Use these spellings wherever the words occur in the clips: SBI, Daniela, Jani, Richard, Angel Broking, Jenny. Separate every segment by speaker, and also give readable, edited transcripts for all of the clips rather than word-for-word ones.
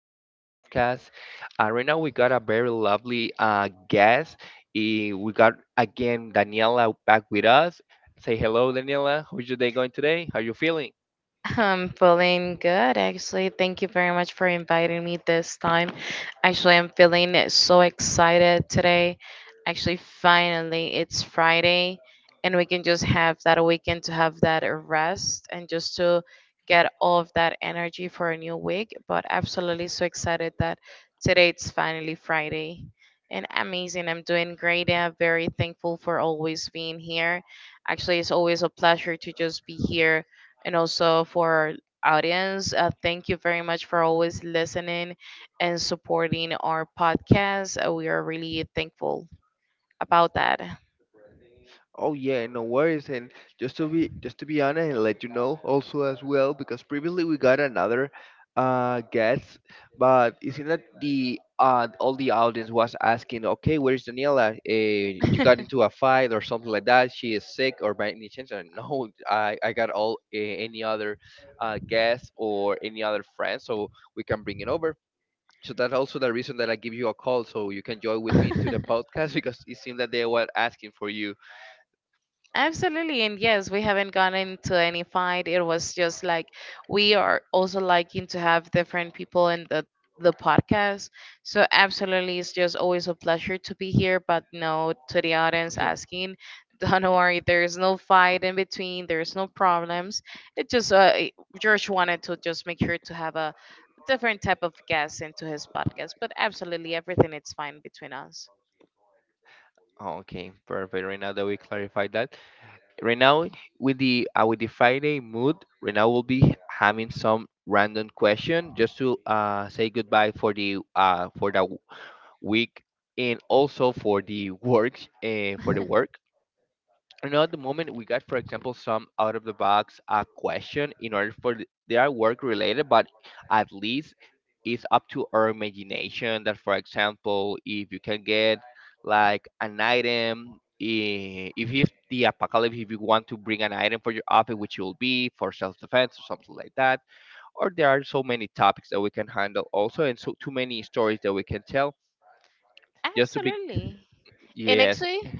Speaker 1: of our podcast. Right now we got a very lovely guest. We got again Daniela back with us. Say hello, Daniela. How's your day going today? How you feeling?
Speaker 2: I'm feeling good, actually. Thank you very much for inviting me this time. Actually, I'm feeling so excited today. Actually, finally, it's Friday, and we can just have that weekend to have that rest and just to get all of that energy for a new week. But absolutely so excited that today it's finally Friday. And amazing. I'm doing great. I'm very thankful for always being here. Actually, it's always a pleasure to just be here and also for our audience. Thank you very much for always listening and supporting our podcast. We are really thankful about that.
Speaker 1: Oh yeah, no worries. And just to be honest and let you know also as well, because previously we got another guest, but it seems that the all the audience was asking, okay, where is Daniela? You got into a fight or something like that? She is sick or by any chance? And no, I got all any other guest or any other friend, so we can bring it over. So that's also the reason that I give you a call, so you can join with me to the podcast because it seemed that they were asking for you.
Speaker 2: Absolutely. And yes, we haven't gone into any fight. It was just like we are also liking to have different people in the podcast. So absolutely it's just always a pleasure to be here. But no, to the audience asking, don't worry, there's no fight in between, there's no problems. It just George wanted to just make sure to have a different type of guest into his podcast. But absolutely everything it's fine between us.
Speaker 1: Oh, okay, perfect. Right now that we clarified that, right now with the Friday mood, right now we'll be having some random question just to say goodbye for the week and also for the works for the work, and at the moment we got, for example, some out of the box question in order for they are work related, but at least it's up to our imagination that, for example, if you can get like an item, if it's the apocalypse, if you want to bring an item for your office which will be for self-defense or something like that, or there are so many topics that we can handle also and so too many stories that we can tell just to be,
Speaker 2: Absolutely. And
Speaker 1: yes,
Speaker 2: actually,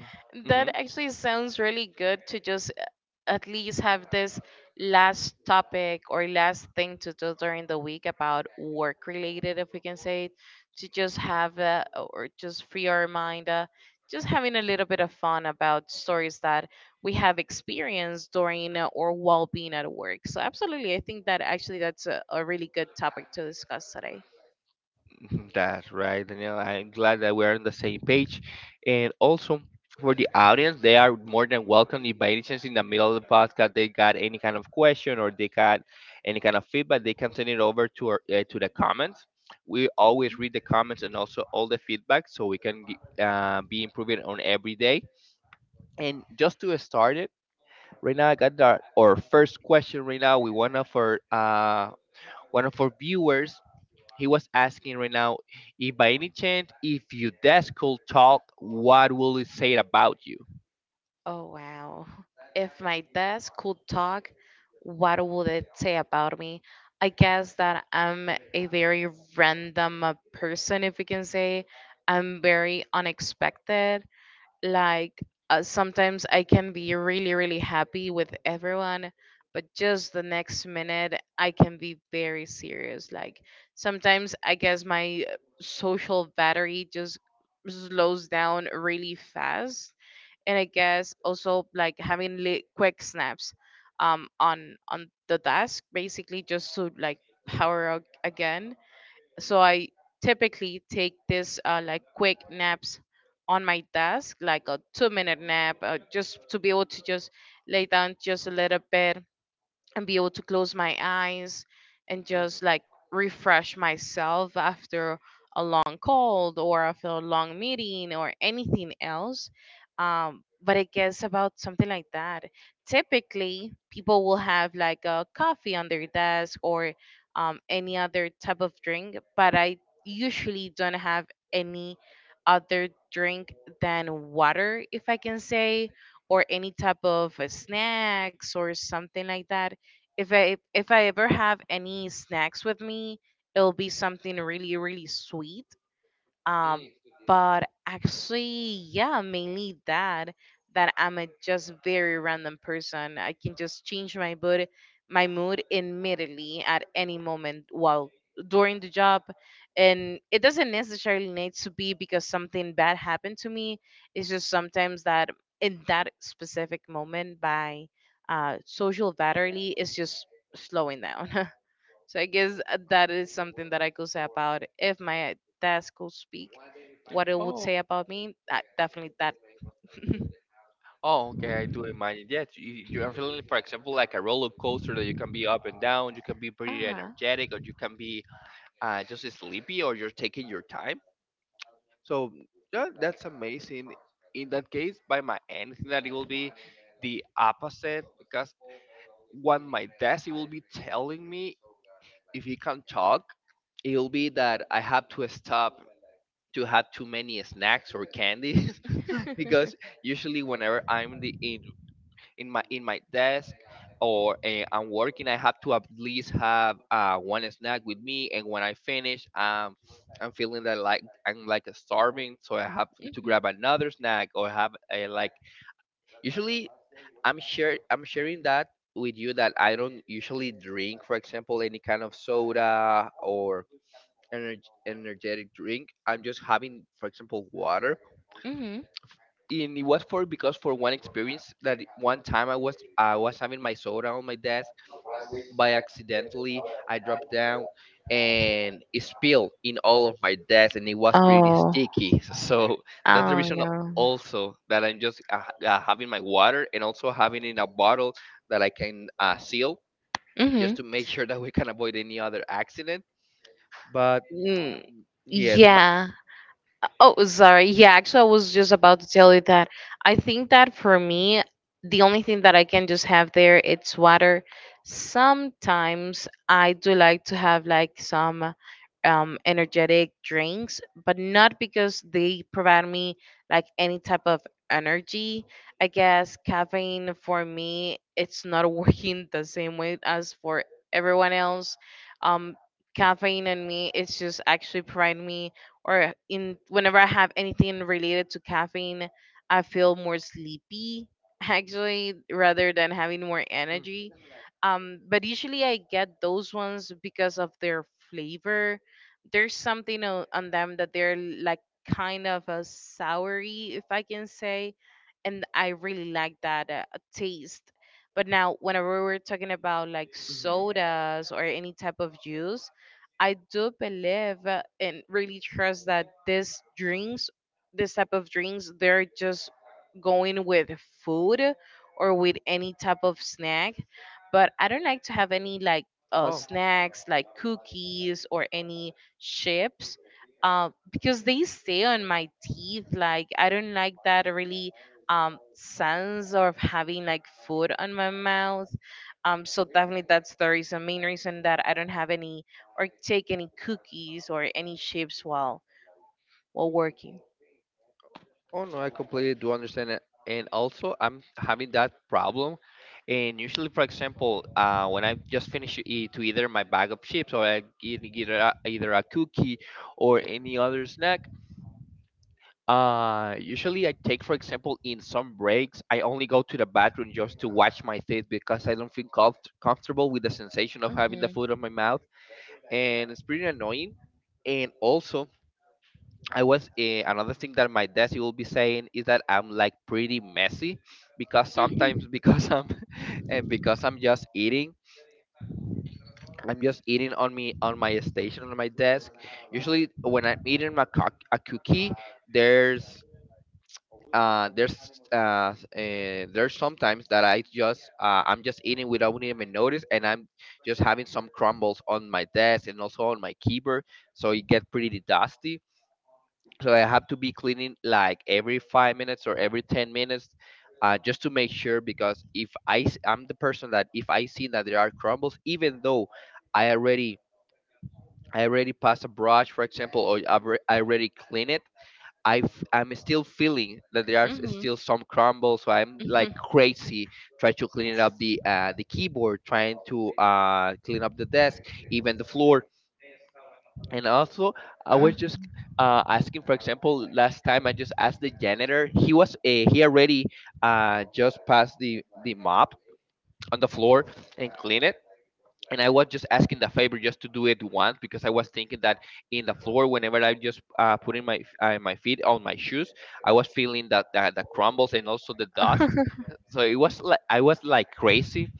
Speaker 1: mm-hmm.
Speaker 2: that actually sounds really good to just at least have this last topic or last thing to do during the week about work related, if we can say it, to just have or just free our mind, just having a little bit of fun about stories that we have experienced during or while being at work. So, absolutely, I think that actually that's a really good topic to discuss today.
Speaker 1: That's right, Danielle. I'm glad that we're on the same page. And also for the audience, they are more than welcome. If by any chance in the middle of the podcast they got any kind of question or they got any kind of feedback, they can send it over to our to the comments. We always read the comments and also all the feedback, so we can be improving on every day. And just to start it, right now I got our first question. Right now, we want of our one of our viewers, he was asking right now, if by any chance, if your desk could talk, what will it say about you?
Speaker 2: Oh, wow. If my desk could talk, what would it say about me? I guess that I'm a very random person, if we can say. I'm very unexpected. Like, sometimes I can be really, really happy with everyone, but just the next minute, I can be very serious. Like, sometimes I guess my social battery just slows down really fast, and I guess also like having quick snaps on the desk basically just to like power up again. So I typically take this like quick naps on my desk, like a 2 minute nap, just to be able to just lay down just a little bit and be able to close my eyes and just
Speaker 1: Mhm.
Speaker 2: like refresh myself after a long cold or after a long meeting or anything else. But I guess about something like that. Typically, people will have like a coffee on their desk or any other type of drink, but I usually don't have any other drink than water, if I can say, or any type of snacks or something like that. If I ever have any snacks with me, it'll be something really really sweet, um, but actually, yeah, mainly that that I'm a just very random person. I can just change my mood immediately at any moment while during the job, and it doesn't necessarily need to be because something bad happened to me. It's just sometimes that in that specific moment, by social battery is just slowing down. So I guess that is something that I could say about if my desk could speak, what it would
Speaker 1: Oh,
Speaker 2: say about me. I, definitely that.
Speaker 1: oh, okay, I do imagine. Yes, you're feeling, for example, like a roller coaster that you can be up and down. You can be
Speaker 2: Uh
Speaker 1: pretty
Speaker 2: huh.
Speaker 1: energetic, or you can be just sleepy, or you're taking your time. So that's amazing. In that case, by my end, I think that it will be the opposite because what my desk it will be telling me, if he can't talk, it'll be that I have to stop to have too many snacks or candies because usually whenever I'm the in my desk, or I'm working, I have to at least have one snack with me, and when I finish, I'm feeling that like I'm like starving, so I have to
Speaker 2: Mhm.
Speaker 1: grab another snack or have a like. Usually, I'm sharing that with you that I don't usually drink, for example, any kind of soda or energ energetic drink. I'm just having, for example, water.
Speaker 2: Mhm.
Speaker 1: And it was for because for one experience that one time I was having my soda on my desk. By accidentally I dropped down and it spilled in all of my desk and it was pretty
Speaker 2: Oh.
Speaker 1: sticky. So that's the
Speaker 2: Oh
Speaker 1: reason
Speaker 2: no.
Speaker 1: also that I'm just having my water and also having in a bottle that I can seal just
Speaker 2: Mhm.
Speaker 1: to make sure that we can avoid any other accident. But
Speaker 2: Mm,
Speaker 1: yes, my,
Speaker 2: yeah. Oh, sorry. Yeah, actually, I was just about to tell you that. I think that for me, the only thing that I can just have there it's water. Sometimes I do like to have like some energetic drinks, but not because they provide me like any type of energy. I guess caffeine for me, it's not working the same way as for everyone else. Um, Caffeine and me, it's just actually providing me or in whenever I have anything related to caffeine, I feel more sleepy actually rather than having more energy.
Speaker 1: mm,
Speaker 2: But usually I get those ones because of their flavor. There's something on them that they're like kind of a soury, if I can say, and I really like that taste. But now, whenever we're talking about like
Speaker 1: mhm.
Speaker 2: sodas or any type of juice, I do believe and really trust that these drinks, this type of drinks, they're just going with food or with any type of snack. But I don't like to have any like
Speaker 1: Oh,
Speaker 2: snacks like cookies or any chips. Because they stay on my teeth. Like I don't like that really sense of having like food on my mouth. So definitely that's the reason, main reason that I don't have any or take any cookies or any chips while working.
Speaker 1: oh no, I completely do understand it. And also, I'm having that problem. And usually, for example, when I just finish to either my bag of chips or I eat either a cookie or any other snack, usually I take, for example, in some breaks, I only go to the bathroom just to wash my teeth because I don't feel comfortable with the sensation of having the food
Speaker 2: Hmm.
Speaker 1: on my mouth, and it's pretty annoying. And also, I was another thing that my desk will be saying is that I'm like pretty messy because sometimes
Speaker 2: Hmm.
Speaker 1: because I'm because I'm just eating on me on my station on my desk. Usually, when I'm eating my a cookie, there's there's sometimes that I just I'm just eating without even notice, and I'm just having some crumbles on my desk and also on my keyboard, so it gets pretty dusty. So I have to be cleaning like every 5 minutes or every 10 minutes, just to make sure. Because if I'm the person that if I see that there are crumbles, even though I already I already passed a brush, for example, or I already clean it. I'm still feeling that there are
Speaker 2: Hmm.
Speaker 1: still some crumbles, so I'm like
Speaker 2: Hmm.
Speaker 1: crazy trying to clean up the keyboard, trying to clean up the desk, even the floor. And also, I was just asking, for example, last time I just asked the janitor. He was he already just passed the mop on the floor and clean it, and I was just asking the favor just to do it once because I was thinking that in the floor, whenever I just putting my my feet on my shoes, I was feeling that the crumbles and also the dust.
Speaker 2: Hmm.
Speaker 1: So it was like I was like crazy.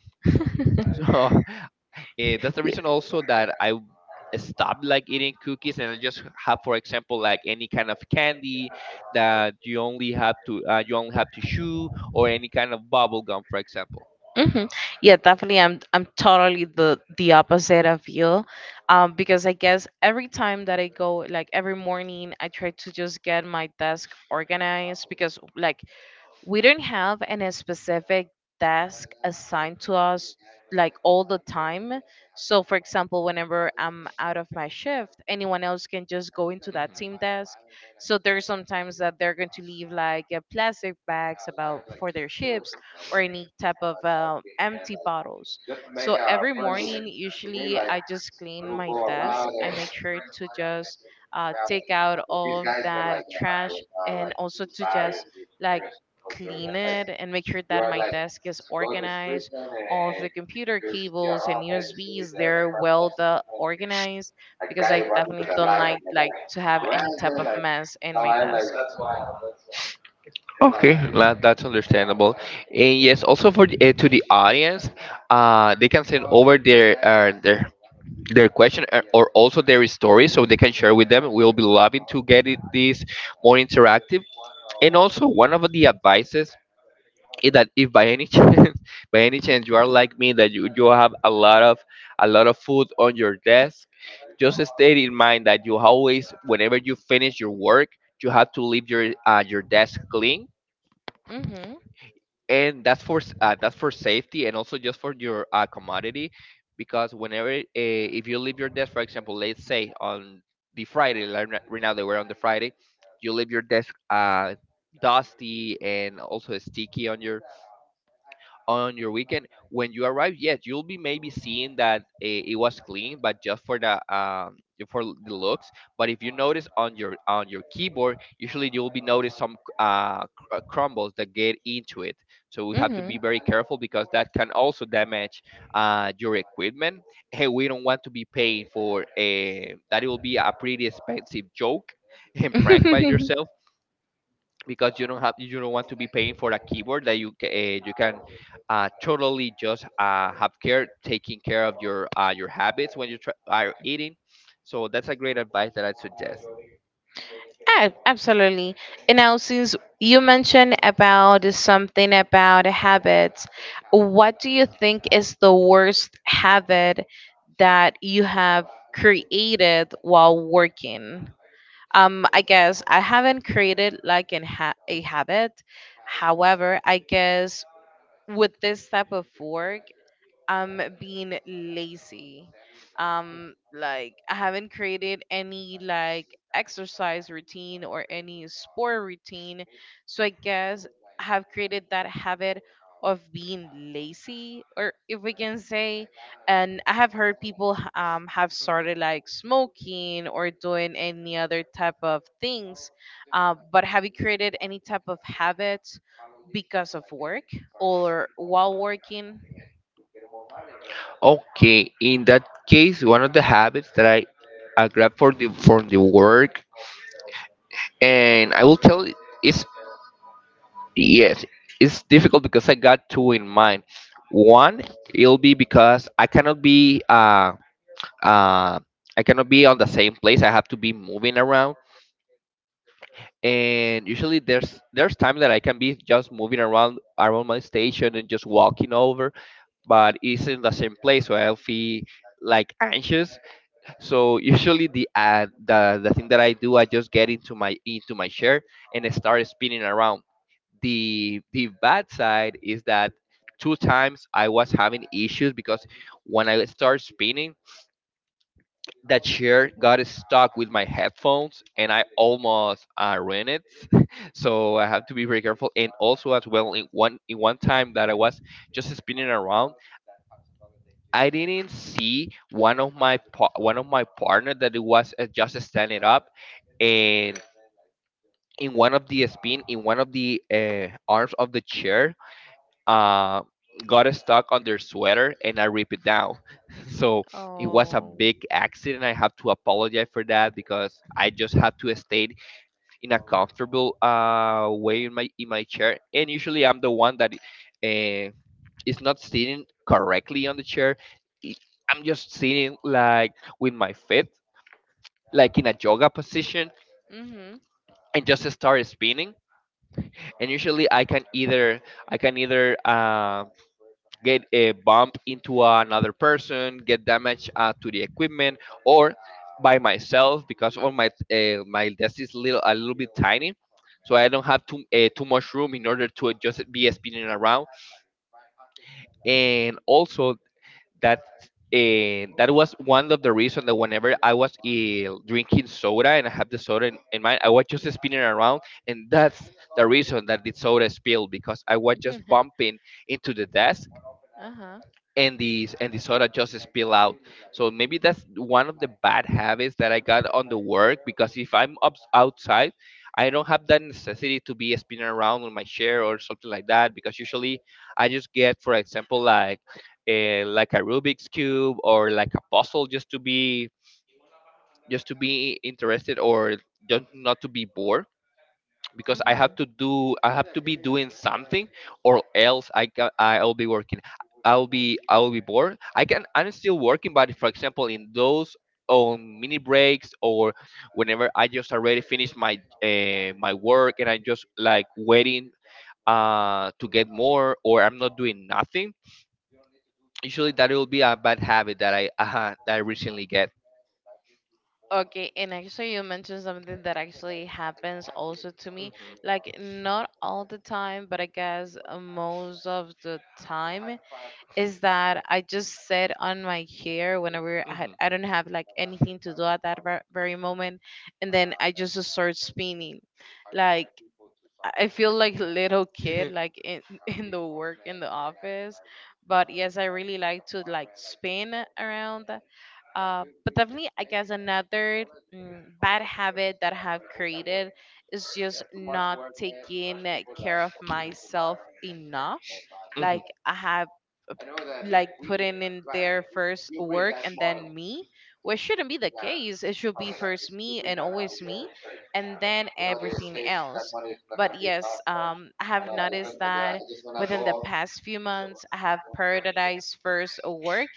Speaker 1: So that's the reason also that I stopped like eating cookies, and I just have, for example, like any kind of candy that you only have to you only have to chew, or any kind of bubble gum, for example.
Speaker 2: Yeah, definitely. I'm totally the opposite of you, because I guess every time that I go, like every morning, I try to just get my desk organized because like we don't have any specific desk assigned to us like all the time. So, for example, whenever I'm out of my shift, anyone else can just go into that
Speaker 1: Mhm.
Speaker 2: team desk. So, there's sometimes that they're going to leave like plastic bags about for their ships or any type of empty bottles. So, every morning, usually I just clean my desk. I make sure to just take out all of that trash and also to just like clean it and make sure that my desk is organized. All of the computer cables and USBs, they're well the organized because I definitely don't like to have any type of mess in my desk.
Speaker 1: Okay, that's understandable. And yes, also for to the audience, they can send over their question, or also their story so they can share with them. We'll be loving to get it this more interactive. And also, one of the advices is that if by any by any chance, you are like me, that you have a lot of food on your desk, just stay in mind that you always, whenever you finish your work, you have to leave your desk clean,
Speaker 2: Mhm.
Speaker 1: and that's for that's for safety and also just for your commodity. Because whenever if you leave your desk, for example, let's say on the Friday, like right now they were on the Friday, you leave your desk dusty and also sticky. On your on your weekend when you arrive, yes, you'll be maybe seeing that it was clean, but just for the looks. But if you notice on your keyboard, usually you'll be notice some crumbles that get into it, so we have to be
Speaker 2: Mhm.
Speaker 1: very careful because that can also damage your equipment. Hey, we don't want to be paying for a that it will be a pretty expensive joke and prank by yourself, because you don't want to be paying for a keyboard that you you can totally just have care taking care of your habits when you are eating. So that's a great advice that I suggest.
Speaker 2: Ah, absolutely. And now since you mentioned about something about habits, what do you think is the worst habit that you have created while working? Um, I guess I haven't created like a
Speaker 1: Mm.
Speaker 2: habit, however I guess with this type of work I'm being lazy. Like I haven't created any like exercise routine or any sport routine. So I guess I have created that habit of being lazy, or if we can say, and I have heard have
Speaker 1: Mm. Mhm.
Speaker 2: started like smoking or doing any other type of things. But have you created any type of habits because of work or while working?
Speaker 1: Okay, in that case, one of the habits that I grab for the from the work, and I will tell it is, yes, it's difficult because I got two in mind. One, it'll be because I cannot be on the same place. I have to be moving around, and usually there's time that I can be just moving around around my station and just walking over, but it's in the same place, so I'll feel like anxious. So usually the thing that I do, I just get into my chair and I start spinning around. The bad side is that two times I was having issues because when I start spinning, that chair got stuck with my headphones and I almost ruined it. So I have to be very careful. And also as well, in one time that I was just spinning around, I didn't see one of my partner that it was just standing up, and in one of the arms of the chair, uh, got stuck on their sweater, and I ripped it down. So it was a
Speaker 2: Oh.
Speaker 1: big accident. I have to apologize for that because I just have to stay in a comfortable way in my chair. And usually, I'm the one that uh, it's not sitting correctly on the chair. it- I'm just sitting like with my feet, like in a yoga position,
Speaker 2: Mhm.
Speaker 1: and just start spinning. And usually, I can either get a bump into another person, get damage to the equipment, or by myself because of my my desk is little a little bit tiny. So I don't have too much room in order to just be spinning around, and also that that was one of the reasons that whenever I was drinking soda and I had the soda in mind, I was just spinning around, and that's the reason that the soda spilled because I was just bumping into the desk,
Speaker 2: Uh-huh.
Speaker 1: and the soda just spill out. So maybe that's one of the bad habits that I got on the work, because if I'm up outside, I don't have that necessity to be spinning around on my chair or something like that, because usually I just get, for example, like a Rubik's cube or like a puzzle just to be interested or just not to be bored, because
Speaker 2: Mhm.
Speaker 1: I have to be doing something, or else I'll be working. I'll be bored. I'm still working, but for example in those on mini breaks or whenever I just already finished my my work, and I just like waiting to get more, or I'm not doing nothing. Usually that will be a bad habit that I recently get.
Speaker 2: Okay, and actually you mentioned something that actually happens also to me.
Speaker 1: Mhm.
Speaker 2: Like not all the time, but I guess most of the time is that I just sit on my chair whenever
Speaker 1: Mhm.
Speaker 2: I don't have like anything to do at that very moment, and then I just start spinning. Like I feel like a little kid, like in in the work in the office. But yes, I really like to like spin around. But definitely, I guess another bad habit that I have created is just not taking care of myself enough. Like I have like putting in their first work and then me, which shouldn't be the case, it should be first me and always me and then everything else. But yes, I have noticed that within the past few months I have prioritized first work,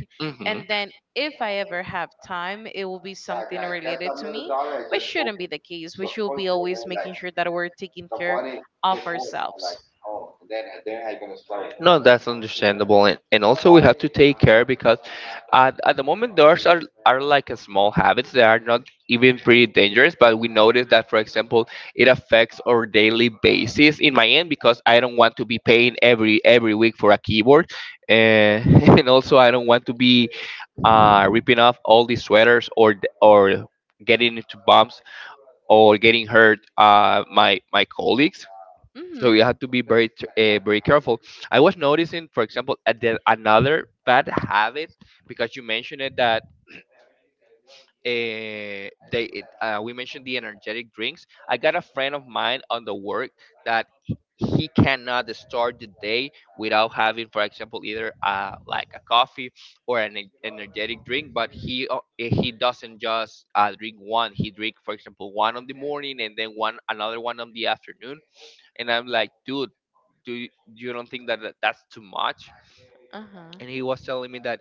Speaker 2: and then if I ever have time it will be something related to me, which shouldn't be the case. We should be always making sure that we're taking care of ourselves.
Speaker 1: No, that's understandable, and, also we have to take care, because at the moment those are like a small habits that are not even pretty dangerous, but we notice that, for example, it affects our daily basis. In my end, because I don't want to be paying every week for a keyboard, and and also I don't want to be ripping off all these sweaters or getting into bumps or getting hurt my my colleagues. So
Speaker 2: Mm-hmm.
Speaker 1: you have to be very very careful. I was noticing, for example, another bad habit, because you mentioned it that we mentioned the energetic drinks. I got a friend of mine on the work that he cannot start the day without having, for example, either like a coffee or an energetic drink. But he doesn't just drink one. He drink, for example, one in the morning and then one another one in the afternoon. And I'm like, dude, you don't think that that's too much?
Speaker 2: Uh-huh.
Speaker 1: And he was telling me that,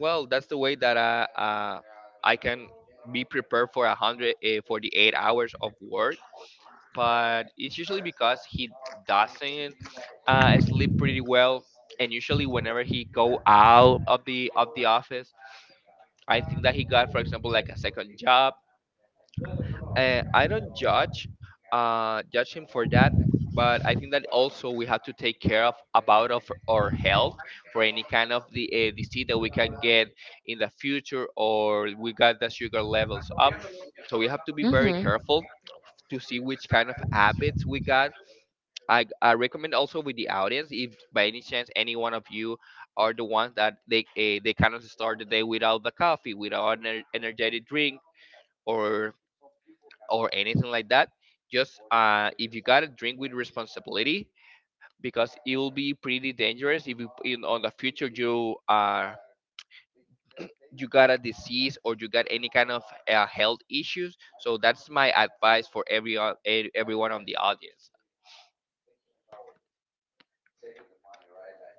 Speaker 1: well, that's the way that I can be prepared for 148 hours of work, but it's usually because he doesn't sleep pretty well, and usually whenever he go out of the office, I think that he got, for example, like a second job. I don't judge judge him for that, but I think that also we have to take care of about of our health for any kind of the disease that we can get in the future, or we got the sugar levels up. So we have to be very
Speaker 2: Mm-hmm.
Speaker 1: careful to see which kind of habits we got. I recommend also with the audience, if by any chance any one of you are the ones that they cannot start the day without the coffee, without an energetic drink, or or anything like that. Just if you gotta drink with responsibility, because it will be pretty dangerous if you in on the future you got a disease or you got any kind of health issues. So that's my advice for everyone on the audience.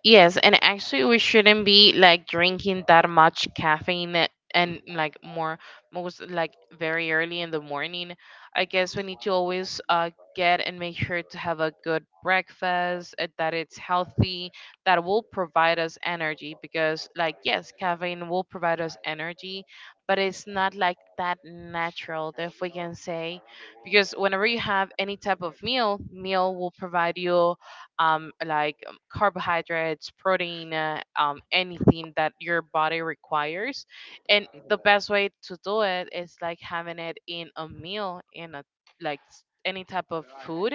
Speaker 2: Yes, and actually, we shouldn't be like drinking that much caffeine and
Speaker 1: Mhm,
Speaker 2: like more most like very early in the morning. I guess we need to always get and make sure to have a good breakfast that it's healthy, that will provide us energy. Because like yes, caffeine will provide us energy, but it's not like that natural, that if we can say because whenever you have any type of meal, meal will provide you like carbohydrates, protein, anything that your body requires. And the best way to do it is like having it in a meal, in a any type of food,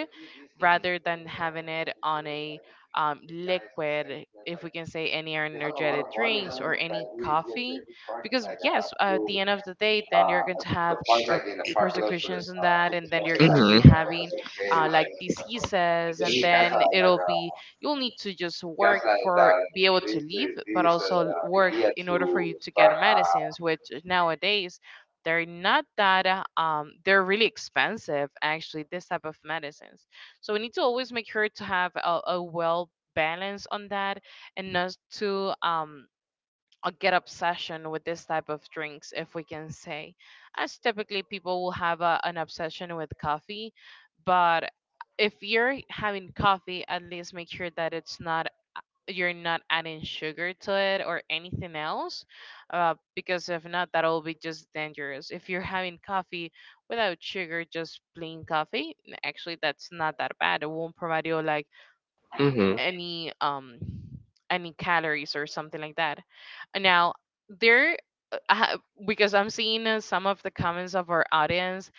Speaker 2: rather than having it on a liquid, if we can say, any energetic drinks or any coffee. Because, yes, at the end of the day, then you're going to have. Uh, Persecutions in that, and then you're going to
Speaker 1: mhm,
Speaker 2: be having like diseases. And then it'll be you'll need to just work for be able to live, but also work in order for you to get medicines, which nowadays they're not that they're really expensive, actually, this type of medicines. So we need to always make sure to have a well balance on that, and not to a get obsession with this type of drinks, if we can say, as typically people will have an obsession with coffee. But if you're having coffee, at least make sure that it's not you're not adding sugar to it or anything else. Because if not, that'll be just dangerous. If you're having coffee without sugar, just plain coffee, actually that's not that bad. It won't provide you like
Speaker 1: mhm, mhm,
Speaker 2: any um any calories or something like that. Now there, uh, ha- because I'm seeing some of the comments of our audience,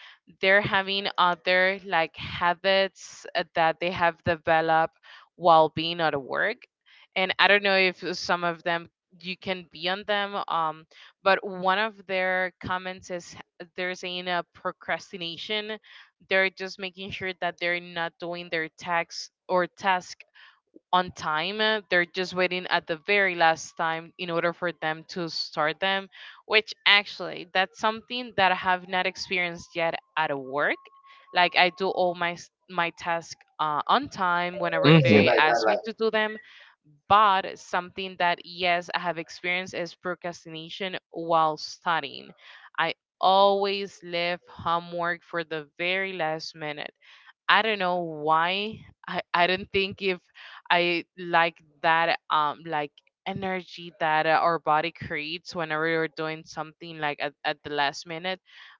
Speaker 2: they're having other like habits that they have developed while being at work, and I don't know if some of them you can be on them. But one of their comments is they're saying procrastination. They're just making sure that they're not doing their tax or task on time. They're just waiting at the very last time in order for them to start them, which actually that's something that I have not experienced yet at work. Like I do all my tasks on time whenever
Speaker 1: mhm, mhm.
Speaker 2: they ask me to do them. But something that, yes, I have experienced is procrastination while studying. I always leave homework for the very last minute. I don't know why. I don't think if I like that like energy that our body creates whenever we're doing something like at the last minute.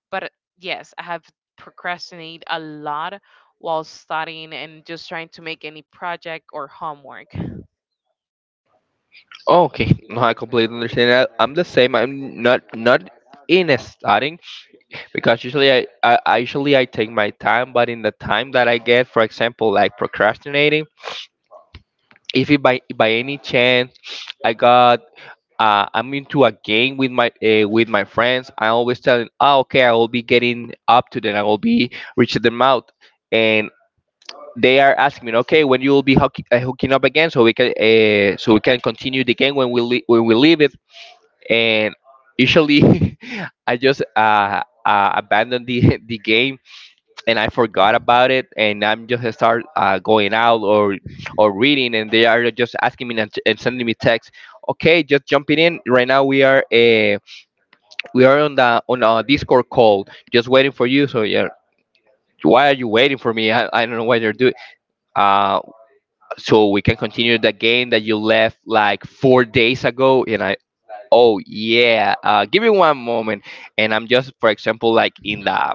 Speaker 2: But yes, I have procrastinate a lot while studying and just trying to make any project or homework.
Speaker 1: Oh, okay, no, I completely understand that. I'm the same. I'm not in a starting, because usually, usually I take my time, but in the time that I get, for example, like procrastinating, if it by any chance I got I'm into a game with my friends, I always tell them, oh, okay, I will be getting up to them, I will be reaching them out, and they are asking me, okay, when you will be hooking up again, so we can continue the game when when we leave it. And usually I just abandon the the game, and I forgot about it, and I'm just start going out or reading, and they are just asking me, and sending me text. Okay, just jumping in right now. We are on the on a Discord call, just waiting for you. So yeah. Why are you waiting for me? I don't know what you're doing. Uh, so we can continue the game that you left like four days ago. And I, oh yeah, give me one moment, and I'm just for example like in
Speaker 2: Hmm.
Speaker 1: the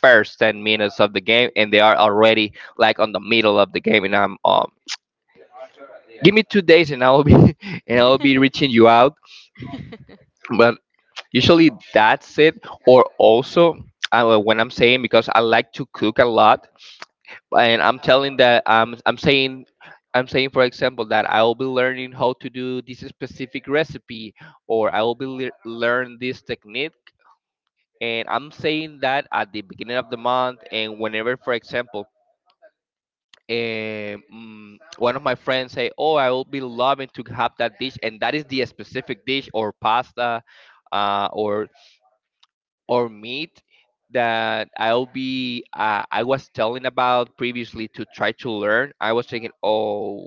Speaker 1: first 10 minutes of the game, and they are already like on the middle of the game, and I'm give me two days, and I'll be and I'll be reaching you out. But usually that's it. Or also, well, when I'm saying, because I like to cook a lot, and I'm telling that I'm saying, for example, that I will be learning how to do this specific recipe, or I will be learn this technique. And I'm saying that at the beginning of the month, and whenever, for example, um, one of my friends say, "Oh, I will be loving to have that dish," and that is the specific dish or pasta, uh, or or meat that I'll be I was telling about previously to try to learn. I was thinking, "Oh,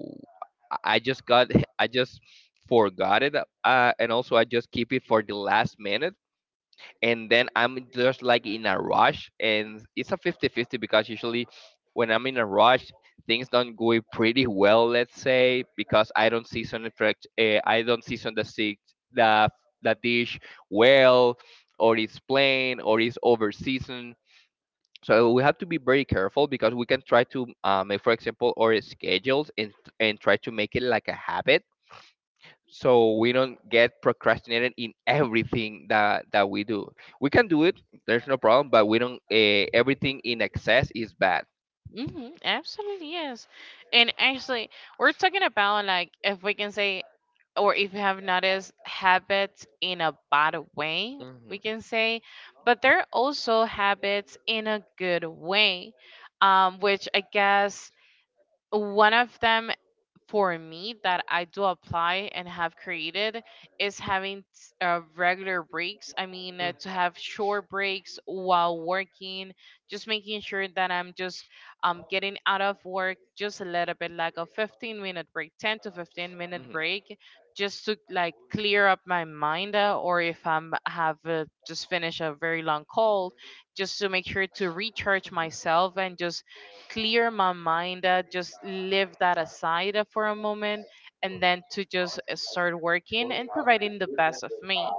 Speaker 1: I just got I just." Forgot it. And also I just keep it for the last minute, and then I'm just like in a rush, and it's a fifty-fifty, because usually when I'm in a rush, things don't go pretty well, let's say, because I don't season the I don't season the the dish well, or it's plain or it's over seasoned. So we have to be very careful, because we can try to make, for example, our schedules and try to make it like a habit, so we don't get procrastinated in everything that we do. We can do it, there's no problem, but we don't everything in excess is bad.
Speaker 2: Absolutely, yes. And actually, we're talking about like, if we can say, or if you have noticed habits in a bad way,
Speaker 1: Hmm.
Speaker 2: we can say, but there are also habits in a good way, which I guess one of them for me that I do apply and have created is having regular breaks. I mean,
Speaker 1: Hmm.
Speaker 2: to have short breaks while working, just making sure that I'm just getting out of work just a little bit, like a 15-minute break, 10 to 15 minute
Speaker 1: Hmm.
Speaker 2: break, just to like clear up my mind, or if I'm have just finished a very long call, just to make sure to recharge myself and just clear my mind, that just leave that aside for a moment, and then to just start working and providing the best of me.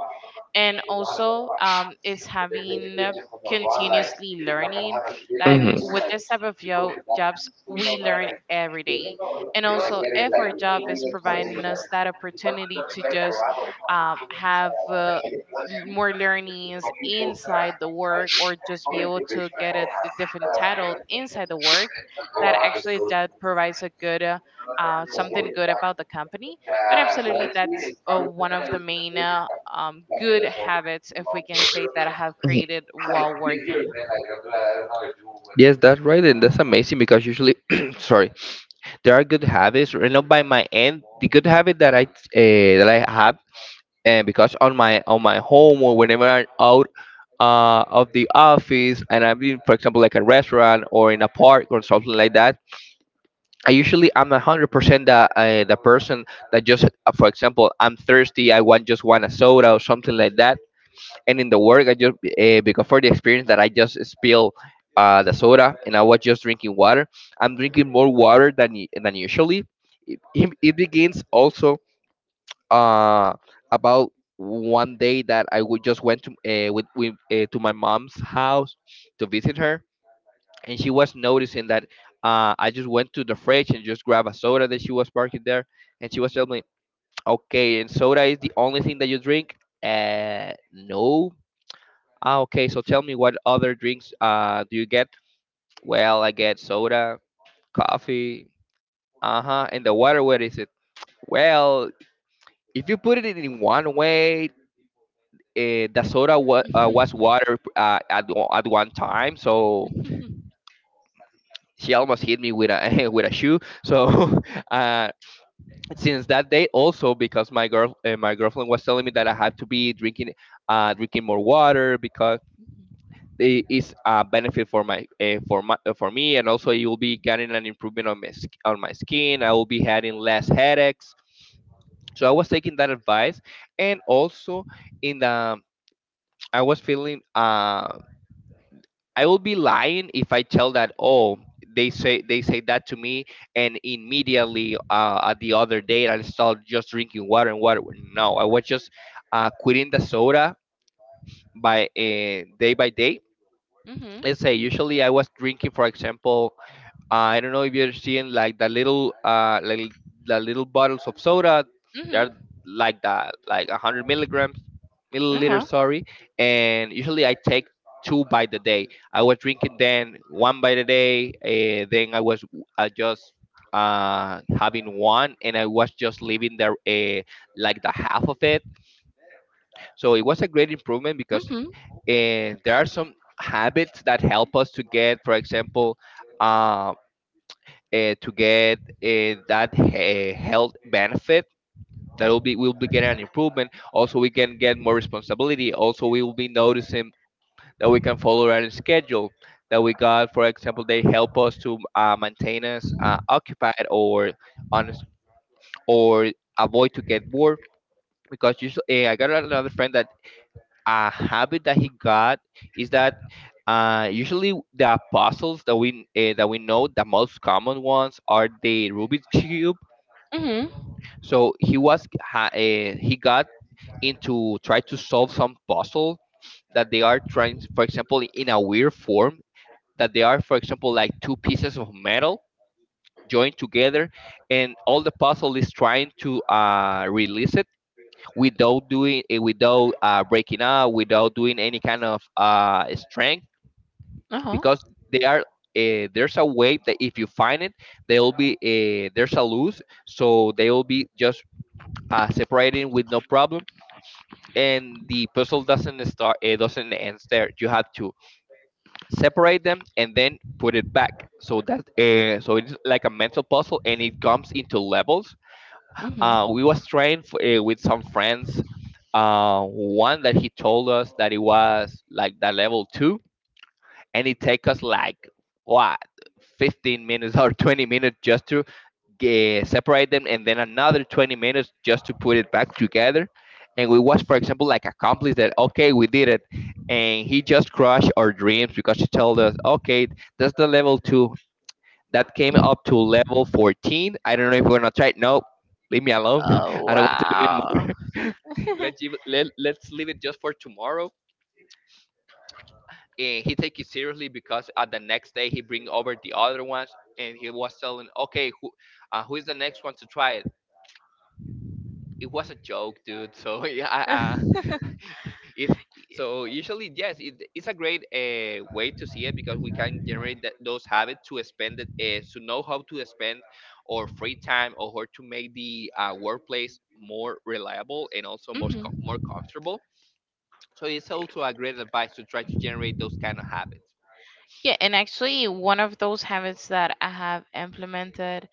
Speaker 2: And also is having continuously learning, like
Speaker 1: Mhm.
Speaker 2: with this type of jobs we learn every day. And also if our job is providing us that opportunity to just have more learnings inside the work, or just be able to get a different title inside the work, that actually that provides a good something good about the company. But absolutely that's one of the main good habits, if we can say, that I have created while working.
Speaker 1: Yes, that's right, and that's amazing, because usually, sorry, there are good habits. You know, by my end, the good habit that I have, and because on my home or whenever I'm out of the office, and I'm in, for example, like a restaurant or in a park or something like that, I'm 100% the person that just, for example, I'm thirsty, I want just want a soda or something like that. And in the work, I just because for the experience that I just spill the soda, and I was just drinking water. I'm drinking more water than than usually. It begins also uh, about one day that I would just went to with to my mom's house to visit her, and she was noticing that I just went to the fridge and just grabbed a soda that she was parking there, and she was telling me, "Okay, and soda is the only thing that you drink?" No. Ah, okay. So tell me, what other drinks do you get? Well, I get soda, coffee, uh huh, and the water. What is it? Well, if you put it in one way, the soda was water at one time, so she almost hit me with a with a shoe. So uh, since that day, also because my girl my girlfriend was telling me that I had to be drinking drinking more water, because it is a benefit for my for my for me, and also you will be getting an improvement on my on my skin. I will be having less headaches. So I was taking that advice, and also in the I was feeling I will be lying if I tell that oh they say that to me, and immediately at the other day I started just drinking water and water. No, I was just quitting the soda by day by day.
Speaker 2: Mhm,
Speaker 1: Let's say usually I was drinking, for example, I don't know if you're seeing like the little like the little bottles of soda.
Speaker 2: mhm,
Speaker 1: They're
Speaker 2: mhm,
Speaker 1: like that, like a hundred milligrams,
Speaker 2: mhm, mhm,
Speaker 1: milliliters,
Speaker 2: uh-huh,
Speaker 1: sorry. And usually I take two by the day. I was drinking then one by the day. Then I was just having one, and I was just leaving there like the half of it. So it was a great improvement because
Speaker 2: mhm,
Speaker 1: there are some habits that help us to get, for example. uh to get that health benefit that will be we'll be getting an improvement. Also, we can get more responsibility. Also, we will be noticing that we can follow our schedule that we got, for example. They help us to maintain us occupied or on or avoid to get bored, because usually I got another friend that, a habit that he got is that, usually the puzzles that we know, the most common ones are the Rubik's cube.
Speaker 2: mhm,
Speaker 1: So he was he got into try to solve some puzzle that they are trying, for example, in a weird form, that they are, for example, like two pieces of metal joined together, and all the puzzle is trying to release it without doing eh, without breaking up, without doing any kind of strength,
Speaker 2: uh-huh,
Speaker 1: because they are. There's a way that if you find it, they'll be there's a loose, so they'll be just separating with no problem. And the puzzle doesn't start, it doesn't end there. You have to separate them and then put it back, so that so it's like a mental puzzle and it comes into levels.
Speaker 2: mhm.
Speaker 1: We was trying for, with some friends, one that he told us that it was like the level two, and it take us like what, 15 minutes or 20 minutes just to separate them, and then another 20 minutes just to put it back together. And we was, for example, like accomplished that, okay, we did it. And he just crushed our dreams because he told us, okay, that's the level two, that came up to level 14. I don't know if we're gonna try it. No, leave me alone.
Speaker 2: Oh
Speaker 1: I don't want to do it
Speaker 2: wow.
Speaker 1: more. Let's leave it just for tomorrow. And he take it seriously, because at the next day he bring over the other ones, and he was telling, okay, who, who is the next one to try. It was a joke, dude. So yeah, it, so usually yes, it's a great way to see it, because we can generate that, those habits to spend it, to know how to spend or free time, or how to make the workplace more reliable and also more
Speaker 2: Mhm.
Speaker 1: more comfortable. So it's also a great advice to try to generate those kind of habits.
Speaker 2: Yeah, and actually, one of those habits that I have implemented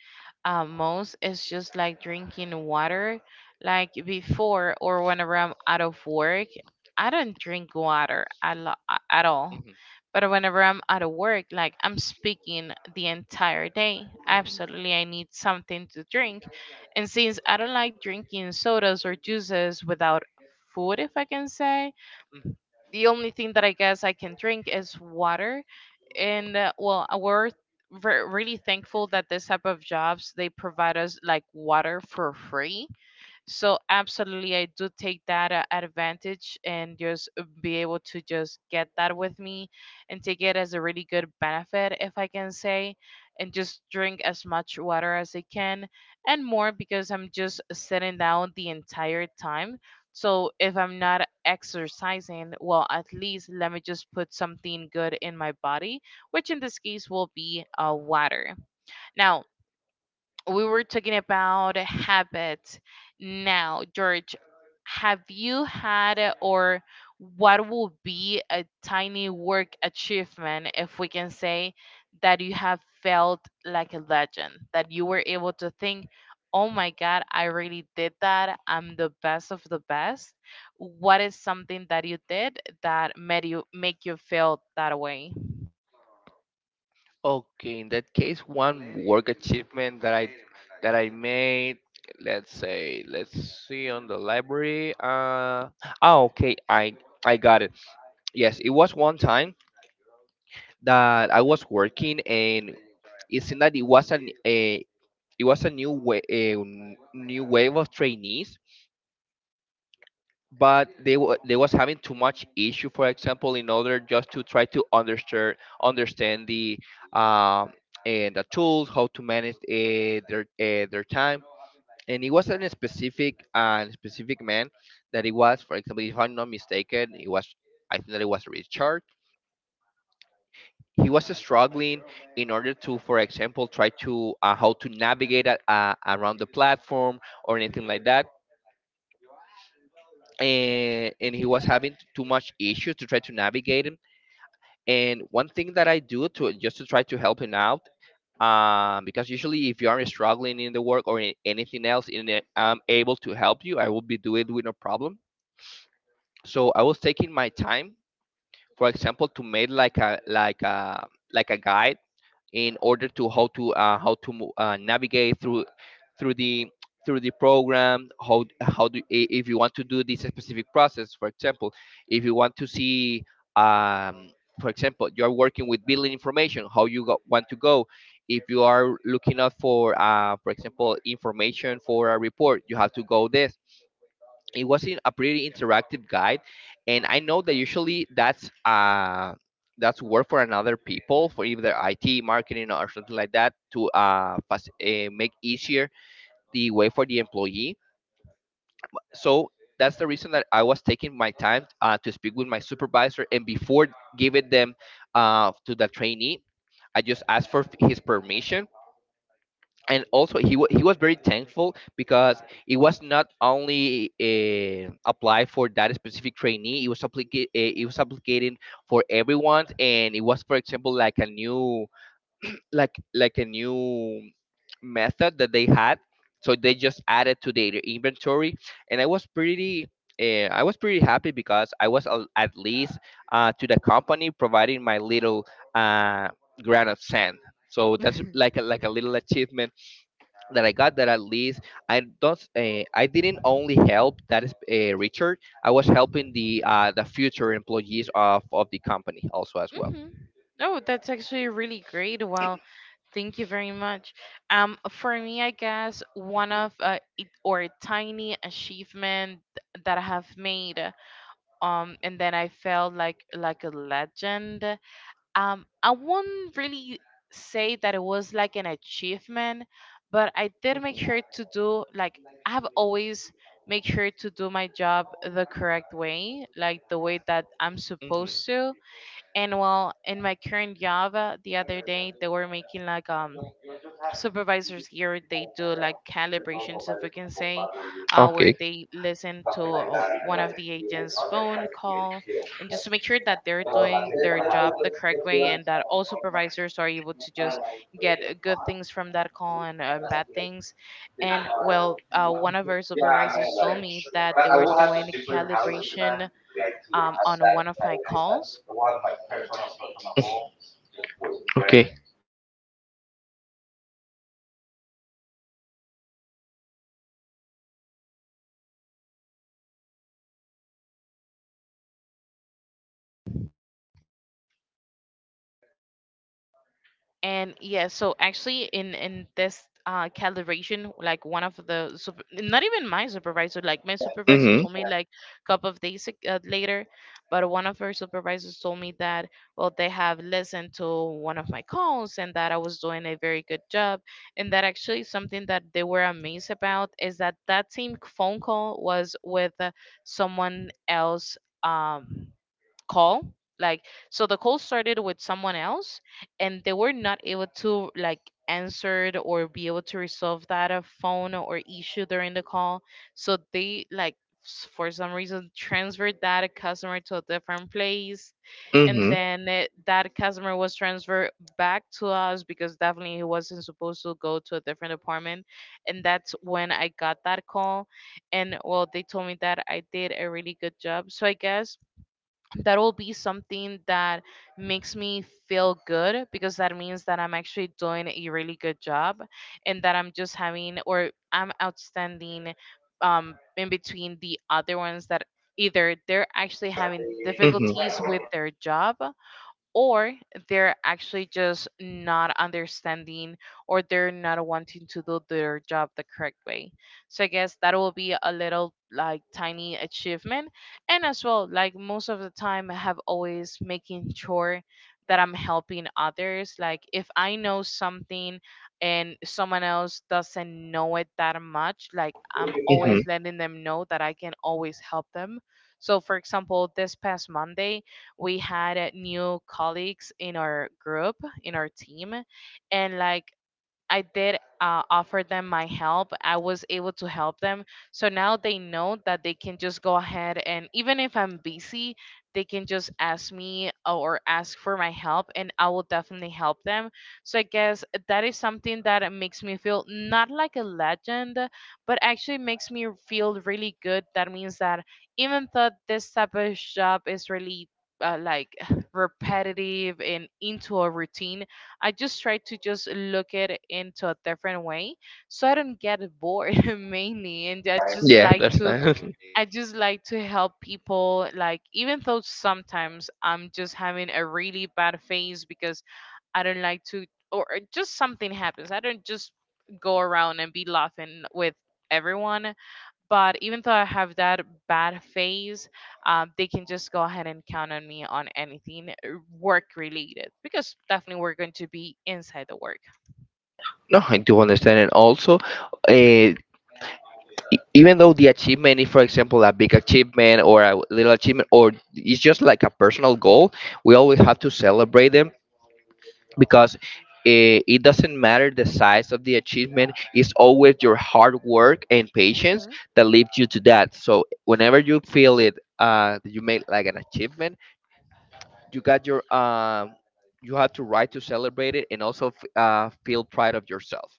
Speaker 2: most is just like drinking water. Like before or whenever I'm out of work, I don't drink water at all.
Speaker 1: Hmm.
Speaker 2: But whenever I'm out of work, like I'm speaking the entire day.
Speaker 1: Hmm.
Speaker 2: Absolutely, I need something to drink. And since I don't like drinking sodas or juices without food, if I can say, the only thing that I guess I can drink is water. And well, we're really thankful that this type of jobs they provide us like water for free. So absolutely I do take that advantage, and just be able to just get that with me, and take it as a really good benefit, if I can say, and just drink as much water as I can, and more, because I'm just sitting down the entire time. So if I'm not exercising, well, at least let me just put something good in my body, which in this case will be water. Now, we were talking about habits. Now, George, have you had a- or what will be a tiny work achievement, if we can say, that you have felt like a legend, that you were able to think, oh my God, I really did that. I'm the best of the best. What is something that you did that made you make you feel that way?
Speaker 1: Okay, in that case, one work achievement that I made, let's say, let's see on the library. Oh, okay, I got it. Yes, it was one time that I was working, and it seemed that it was an a it was a new way a new wave of trainees, but they was having too much issue, for example, in order just to try to understand the um and the tools, how to manage their time. And it was a specific man, that it was, for example, if I'm not mistaken, it was, I think that it was Richard. He was struggling in order to, for example, try to how to navigate around the platform or anything like that. And he was having too much issue to try to navigate it. And one thing that I do to try to help him out, because usually if you are struggling in the work or in anything else, and I'm able to help you, I will be doing it with no problem. So I was taking my time, for example, to make like a guide, in order to how to navigate through the through the program. How if you want to do this specific process, for example, if you want to see, um, for example, you are working with billing information, how you want to go. If you are looking out for example, information for a report, you have to go this. It was in a pretty interactive guide. And I know that usually that's that's work for another people, for either it marketing or something like that, to make easier the way for the employee. So that's the reason that I was taking my time to speak with my supervisor, and before giving them to the trainee, I just asked for his permission. And also he was very thankful because it was not only applied for that specific trainee. It was applicated for everyone, and it was, for example, like a new like a new method that they had, so they just added to their inventory. And I was pretty happy because at least to the company providing my little uh, grain of sand. So that's like a little achievement that I got, that at least I didn't only help that is Richard, I was helping the future employees of the company also as well.
Speaker 2: Hmm. Oh, that's actually really great. Well, thank you very much. For me, I guess one
Speaker 1: Hmm.
Speaker 2: of it, or a tiny achievement that I have made, and then I felt like a legend. I won't really say that it was like an achievement, but I did make
Speaker 1: Hmm.
Speaker 2: sure to do like I have always make sure to do my job the correct way, like the way that I'm
Speaker 1: Hmm.
Speaker 2: supposed to. And well, in my current job, the other day they were making like supervisors here they do like calibrations, if we can say, where
Speaker 1: Okay.
Speaker 2: they listen to one of the agents phone call, and just to make sure that they're doing their job the correct way, and that all supervisors are able to just get good things from that call, and bad things. And well, one of our supervisors told me that they were doing calibration on one of my calls.
Speaker 1: Okay.
Speaker 2: And yeah, so actually in this calibration, like one of the super, not even my supervisor. Like my supervisor
Speaker 1: Mhm.
Speaker 2: told me like a couple of days later. But one of her supervisors told me that well, they have listened to one of my calls, and that I was doing a very good job. And that actually something that they were amazed about is that that same phone call was with someone else. Um call like So the call started with someone else, and they were not able to like answered or be able to resolve that a phone or issue during the call. So they like for some reason transferred that customer to a different place, and
Speaker 1: Mhm.
Speaker 2: then it, that customer was transferred back to us, because definitely he wasn't supposed to go to a different apartment. And that's when I got that call. And well, they told me that I did a really good job. So I guess that'll be something that makes me feel good, because that means that I'm actually doing a really good job, and that I'm just having or I'm outstanding in between the other ones that either they're actually having
Speaker 1: Mhm.
Speaker 2: difficulties with their job, or they're actually just not understanding, or they're not wanting to do their job the correct way. So I guess that will be a little like tiny achievement. And as well, like most of the time, I have always making sure that I'm helping others. Like if I know something, and someone else doesn't know it that much, like I'm
Speaker 1: Mhm.
Speaker 2: always letting them know that I can always help them. So, for example, this past Monday, we had new colleagues in our team. And like, I did offer them my help. I was able to help them. So now they know that they can just go ahead, and even if I'm busy, they can just ask me or ask for my help, and I will definitely help them. So I guess that is something that makes me feel not like a legend, but actually makes me feel really good. That means that even though this type of job is really like repetitive and into a routine, I just try to just look at it into a different way so I don't get bored mainly. And I just
Speaker 1: Yeah, I
Speaker 2: like to
Speaker 1: understand.
Speaker 2: help people, like even though sometimes I'm just having a really bad phase because I don't like to or just something happens. I don't just go around and be laughing with everyone. But even though I have that bad phase, they can just go ahead and count on me on anything work related, because definitely we're going to be inside the work.
Speaker 1: No, I do understand. And also, uh, even though the achievement is, for example, a big achievement or a little achievement, or it's just like a personal goal, we always have to celebrate them, because it doesn't matter the size of the achievement. It's always your hard work and patience that leads you to that. So whenever you feel it, that you made like an achievement, you got your you have to right to celebrate it, and also feel pride of yourself.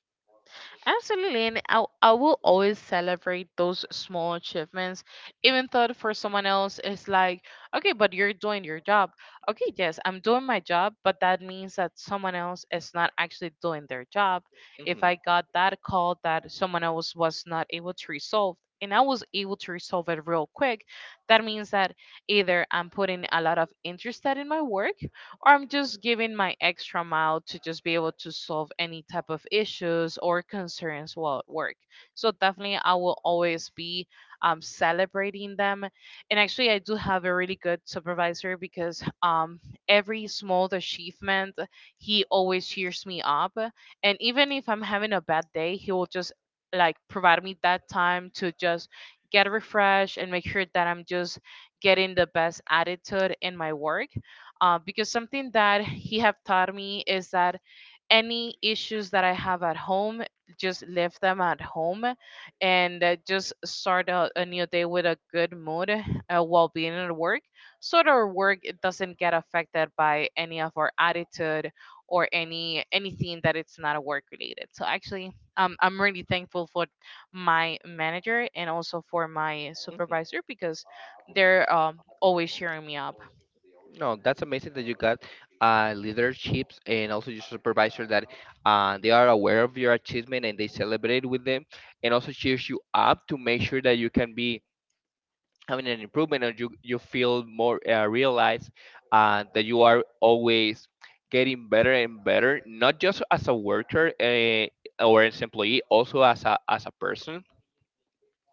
Speaker 2: Absolutely, and I will always celebrate those small achievements, even though for someone else it's like, okay, but you're doing your job. Okay, yes, I'm doing my job, but that means that someone else is not actually doing their job. If
Speaker 1: Mm-hmm.
Speaker 2: I got that call that someone else was not able to resolve, and I was able to resolve it real quick, that means that either I'm putting a lot of interest in my work, or I'm just giving my extra mile to just be able to solve any type of issues or concerns while at work. So definitely, I will always be celebrating them. And actually, I do have a really good supervisor, because every small achievement, he always cheers me up. And even if I'm having a bad day, he will just like provide me that time to just get refreshed and make sure that I'm just getting the best attitude in my work because something that he have taught me is that any issues that I have at home, just leave them at home and just start a new day with a good mood while being at work. So that our work it doesn't get affected by any of our attitude or anything that it's not work related. So actually, I'm really thankful for my manager and also for my
Speaker 1: Hmm.
Speaker 2: supervisor because they're always cheering me up.
Speaker 1: No, that's amazing that you got leaderships, and also your supervisor, that they are aware of your achievement and they celebrate with them, and also cheers you up to make sure that you can be having an improvement, and you feel more realize that you are always getting better and better, not just as a worker or as employee, also as as a person,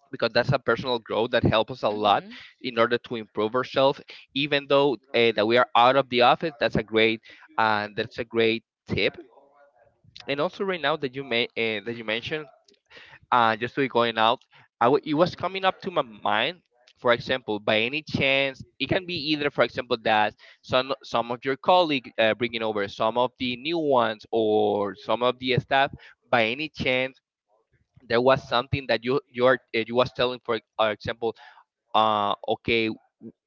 Speaker 1: because that's a personal growth that helps us a lot
Speaker 2: Hmm.
Speaker 1: in order to improve ourselves. Even though that we are out of the office, that's a great tip. And also right now that you may that you mentioned, just to be going out, it was coming up to my mind. For example, by any chance, it can be either, for example, that some of your colleague bringing over some of the new ones or some of the staff. By any chance, there was something that you was telling, for example, okay,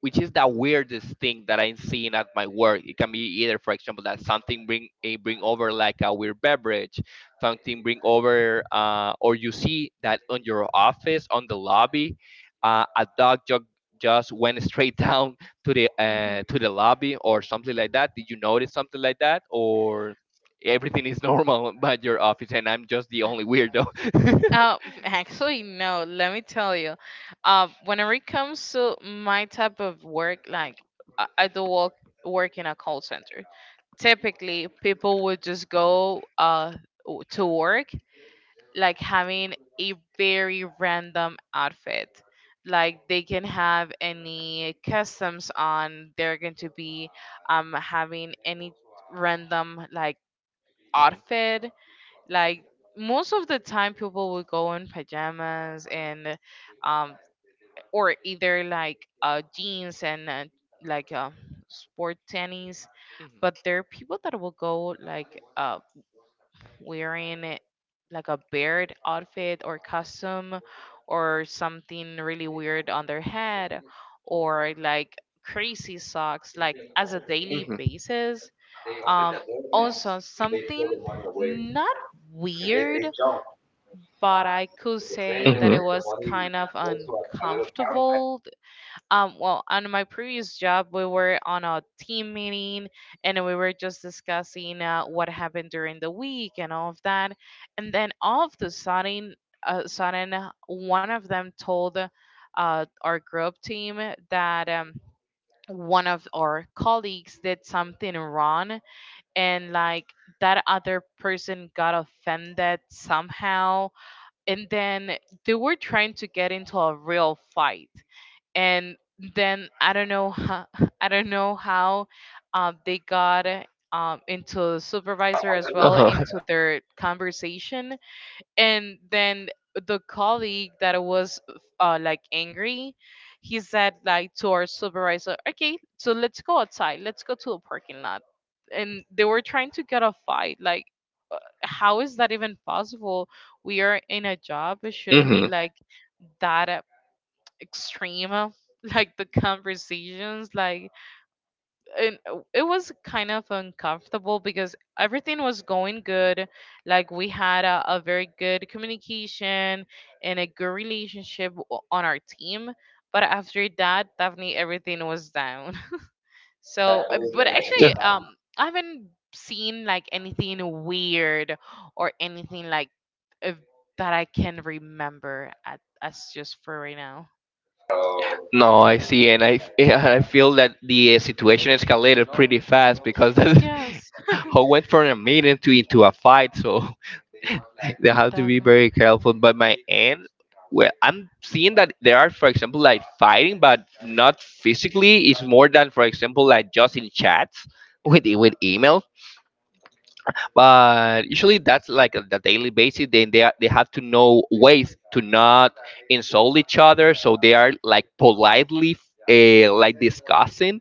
Speaker 1: which is the weirdest thing that I'm seeing at my work. It can be either, for example, that something bring bring over like a weird beverage, something bring over, or you see that on your office on the lobby, a dog jog just went straight down to the lobby or something like that. Did you notice something like that or? Everything is normal but your office, and I'm just the only weirdo.
Speaker 2: Uh, actually, no. Let me tell you, whenever it comes to my type of work, like I do work in a call center. Typically, people would just go to work like having a very random outfit. Like they can have any customs on. They're going to be having any random like
Speaker 1: Hmm.
Speaker 2: outfit like most of the time people would go in pajamas and um or either like jeans and like sport tennies.
Speaker 1: Hmm.
Speaker 2: But there are people that will go like wearing it like a beard outfit or costume or something really weird on their head or like crazy socks like as a daily
Speaker 1: Hmm.
Speaker 2: basis. um Also something not weird, but I could say that
Speaker 1: Hmm.
Speaker 2: it was kind of uncomfortable. Well, on my previous job, we were on a team meeting and we were just discussing what happened during the week and all of that. And then all of the sudden, uh, sudden, one of them told our group team that one of our colleagues did something wrong and like that other person got offended somehow, and then they were trying to get into a real fight. And then I don't know how, I don't know how they got into the supervisor as well
Speaker 1: Uh-huh.
Speaker 2: into their conversation. And then the colleague that was like angry, he said like to our supervisor, okay, so let's go outside, let's go to a parking lot. And they were trying to get a fight. Like, how is that even possible? We are in a job. It shouldn't be
Speaker 1: Hmm.
Speaker 2: like that extreme. Like the conversations, like and it was kind of uncomfortable because everything was going good. Like we had a very good communication and a good relationship on our team. But after that, definitely everything was down. So, but
Speaker 1: Yeah.
Speaker 2: actually, I haven't seen like anything weird or anything like if, that I can remember at as just for right now.
Speaker 1: No, I see, and I feel that the situation escalated pretty fast, because that's
Speaker 2: Yes,
Speaker 1: how went from a meeting to into a fight. So they have to
Speaker 2: that.
Speaker 1: be very careful. But my aunt, well, I'm seeing that there are, for example, like fighting, but not physically. It's more than, for example, like just in chats with with emails. But usually that's like on the daily basis. Then they are, they have to know ways to not insult each other, so they are like politely. Like discussing